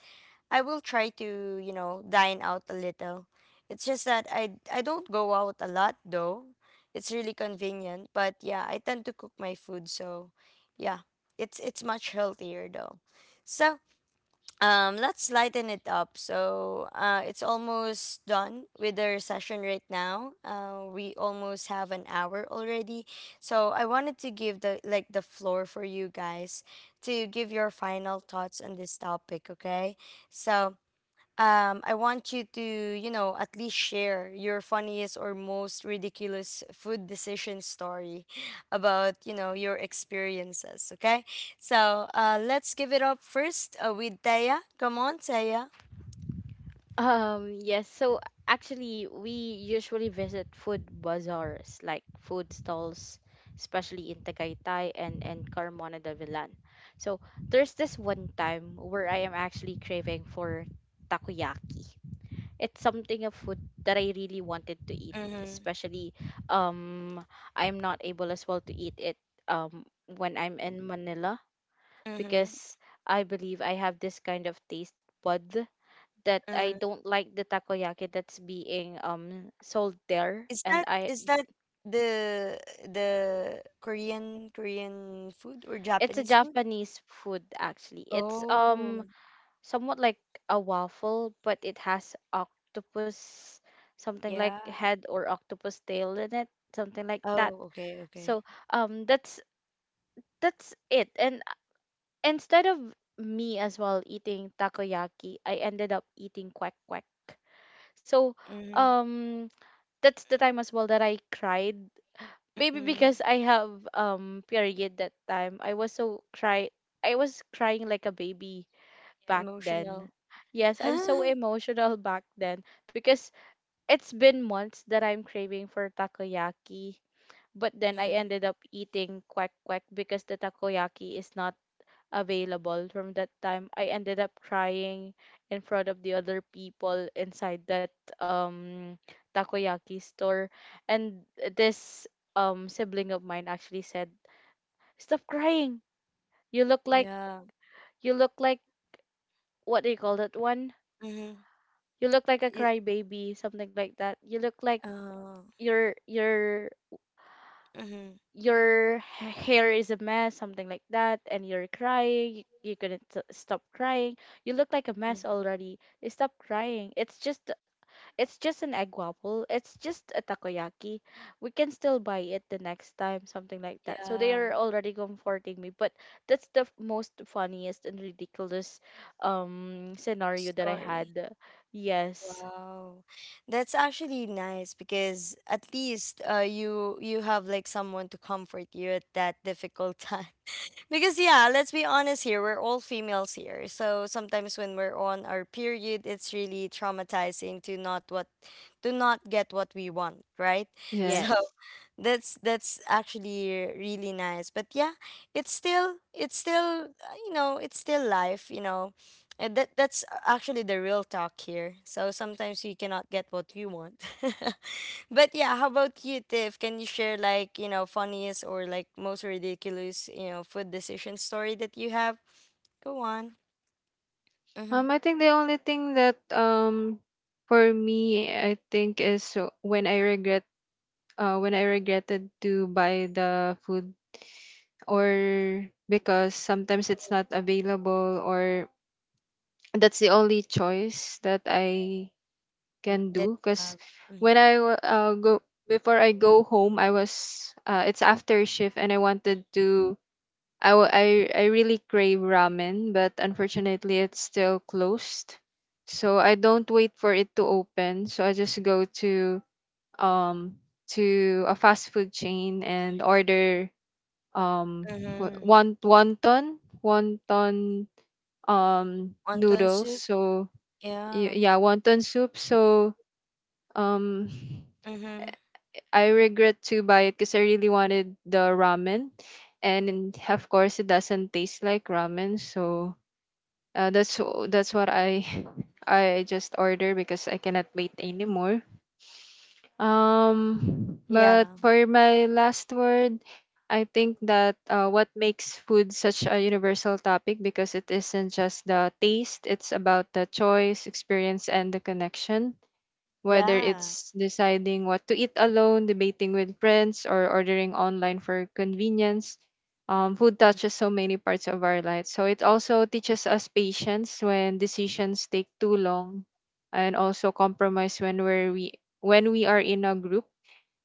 [SPEAKER 1] I will try to, you know, dine out a little. It's just that I I don't go out a lot though. It's really convenient, but yeah, I tend to cook my food, so yeah, it's it's much healthier though. So, um let's lighten it up. So, uh it's almost done with our session right now. Uh we almost have an hour already. So, I wanted to give the like the floor for you guys to give your final thoughts on this topic, okay? So, um, I want you to, you know, at least share your funniest or most ridiculous food decision story about, you know, your experiences. Okay. So uh, let's give it up first uh, with Taya. Come on, Taya.
[SPEAKER 2] Um, yes. So actually, we usually visit food bazaars, like food stalls, especially in Tagaytay and and Carmona de Villan. So there's this one time where I am actually craving for takoyaki. It's something of food that I really wanted to eat,
[SPEAKER 1] Mm-hmm.
[SPEAKER 2] especially um I'm not able as well to eat it um when I'm in Manila,
[SPEAKER 1] Mm-hmm.
[SPEAKER 2] because I believe I have this kind of taste bud that I
[SPEAKER 1] Mm-hmm.
[SPEAKER 2] don't like the takoyaki that's being um sold there.
[SPEAKER 1] Is
[SPEAKER 2] And
[SPEAKER 1] that
[SPEAKER 2] I,
[SPEAKER 1] is that the the Korean Korean food or
[SPEAKER 2] it's a
[SPEAKER 1] Japanese food?
[SPEAKER 2] Japanese food actually. It's um
[SPEAKER 1] Oh,
[SPEAKER 2] somewhat like a waffle, but it has octopus, something like
[SPEAKER 1] yeah.
[SPEAKER 2] head or octopus tail in it, something like that.
[SPEAKER 1] Oh, okay, okay.
[SPEAKER 2] So um that's that's it. And instead of me as well eating takoyaki, I ended up eating quack quack. So
[SPEAKER 1] Mm-hmm.
[SPEAKER 2] um that's the time as well that I cried, maybe
[SPEAKER 1] Mm-hmm.
[SPEAKER 2] because I have um period that time. I was so cry, I was crying like a baby
[SPEAKER 1] Yeah,
[SPEAKER 2] back then.
[SPEAKER 1] emotional.
[SPEAKER 2] Yes, I'm so emotional back then, because it's been months that I'm craving for takoyaki. But then I
[SPEAKER 1] Mhm.
[SPEAKER 2] ended up eating quack quack because the takoyaki is not available from that time. I ended up crying in front of the other people inside that um takoyaki store. And this um sibling of mine actually said, stop crying, you look like,
[SPEAKER 1] Yeah.
[SPEAKER 2] you look like, what do you call that one,
[SPEAKER 1] Mhm.
[SPEAKER 2] you look like a
[SPEAKER 1] It,
[SPEAKER 2] crybaby, something like that, you look like,
[SPEAKER 1] uh,
[SPEAKER 2] you're you're
[SPEAKER 1] mhm.
[SPEAKER 2] your h- hair is a mess, something like that, and you're crying. You couldn't s- stop crying. You look like a mess
[SPEAKER 1] Mm.
[SPEAKER 2] already. Stop crying. It's just, it's just an egg waffle. It's just a takoyaki. We can still buy it the next time, something like that. So they
[SPEAKER 1] Yeah.
[SPEAKER 2] are already comforting me, but that's the f- most funniest and ridiculous um scenario that I
[SPEAKER 1] Story.
[SPEAKER 2] had. Yes.
[SPEAKER 1] Wow. That's actually nice because at least uh you you have like someone to comfort you at that difficult time. Because yeah, let's be honest here, we're all females here. So sometimes when we're on our period, it's really traumatizing to not what to not get what we want, right? So
[SPEAKER 3] Yes.
[SPEAKER 2] Yes.
[SPEAKER 1] that's that's actually really nice. But yeah, it's still it's still uh, you know, it's still life, you know. And that that's actually the real talk here. So sometimes we cannot get what we want. But yeah, how about you, Tiff? Can you share like, you know, funniest or like most ridiculous, you know, food decision story that you have? Go on. Mm-hmm.
[SPEAKER 3] Um, I think the only thing that um for me I think is uh, when I regret uh when I regretted to buy the food, or because sometimes it's not available, or that's the only choice that I can
[SPEAKER 1] That
[SPEAKER 3] do.
[SPEAKER 1] you
[SPEAKER 3] Because
[SPEAKER 1] have. Mm-hmm.
[SPEAKER 3] when I wa- uh, go before I go home, I was uh, it's after shift and I wanted to I, wa- I I really crave ramen, but unfortunately it's still closed, so I don't wait for it to open. So I just go to um to a fast food chain and order um wa-
[SPEAKER 1] Mm-hmm.
[SPEAKER 3] won- wonton wonton um
[SPEAKER 1] Wonton
[SPEAKER 3] noodles.
[SPEAKER 1] soup.
[SPEAKER 3] So, y-
[SPEAKER 1] Yeah.
[SPEAKER 3] yeah, wonton soup. So um,
[SPEAKER 1] Mm-hmm.
[SPEAKER 3] I regret to buy it because I really wanted the ramen, and in- of course it doesn't taste like ramen. So uh, that's w- that's what I I just order because I cannot wait anymore. Um, but
[SPEAKER 1] Yeah.
[SPEAKER 3] for my last word, I think that uh, what makes food such a universal topic because it isn't just the taste; it's about the choice, experience, and the connection, whether
[SPEAKER 1] Yeah.
[SPEAKER 3] it's deciding what to eat alone, debating with friends, or ordering online for convenience. Um, food touches so many parts of our lives. So it also teaches us patience when decisions take too long, and also compromise when we're we when we are in a group,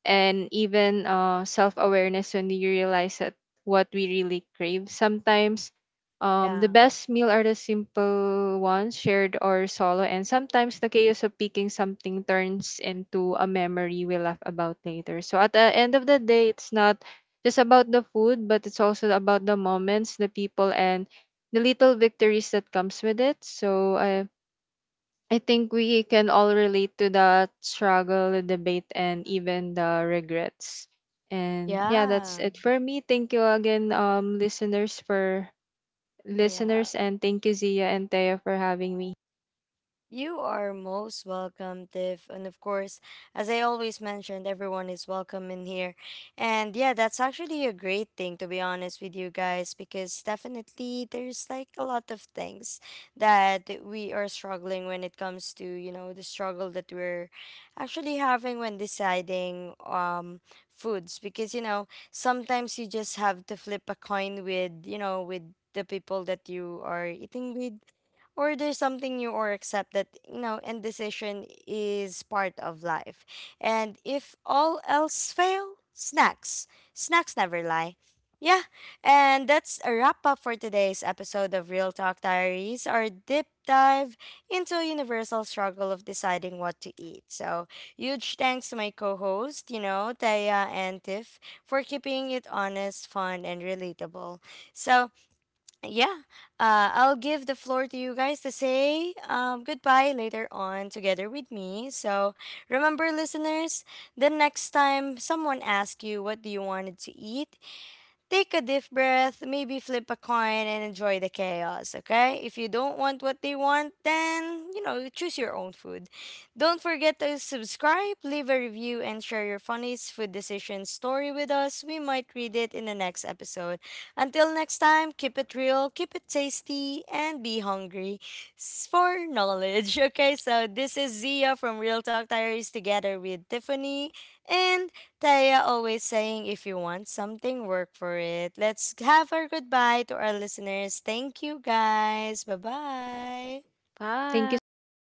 [SPEAKER 3] and even uh, self awareness when you realize that what we really crave. Sometimes um, the
[SPEAKER 1] Yeah.
[SPEAKER 3] best meal are the simple ones, shared or solo, and sometimes the chaos of picking something turns into a memory we laugh about later. So at the end of the day, it's not just about the food, but it's also about the moments, the people, and the little victories that comes with it. So I I think we can all relate to that struggle, the debate, and even the regrets. And yeah, that's
[SPEAKER 1] Yeah.
[SPEAKER 3] it for me. Thank you again, um, listeners for
[SPEAKER 1] Yeah.
[SPEAKER 3] listeners, and thank you Zia and Taya for having me.
[SPEAKER 1] You are most welcome, Tiff. And of course, as I always mentioned, everyone is welcome in here. And yeah, that's actually a great thing, to be honest with you guys, because definitely there's like a lot of things that we are struggling when it comes to, you know, the struggle that we're actually having when deciding um, foods. Because, you know, sometimes you just have to flip a coin with, you know, with the people that you are eating with, or there's something new, or accept that, you know, indecision is part of life, and if all else fail, snacks, snacks never lie. Yeah. And that's a wrap up for today's episode of Real Talk Diaries, our deep dive into a universal struggle of deciding what to eat. So huge thanks to my co-host, you know, Taya and Tiff, for keeping it honest, fun and relatable. So yeah, uh, I'll give the floor to you guys to say um, goodbye later on together with me. So remember, listeners, the next time someone asks you what do you wanted to eat, take a deep breath, maybe flip a coin and enjoy the chaos, okay? If you don't want what they want, then, you know, you choose your own food. Don't forget to subscribe, leave a review, and share your funniest food decision story with us. We might read it in the next episode. Until next time, keep it real, keep it tasty, and be hungry s- for knowledge, okay? So this is Zia from Real Talk Diaries together with Tiffany and Taya, always saying, if you want something, work for it. Let's have our goodbye to our listeners. Thank you guys. Bye bye.
[SPEAKER 3] Thank you
[SPEAKER 2] Bye.
[SPEAKER 3] so much.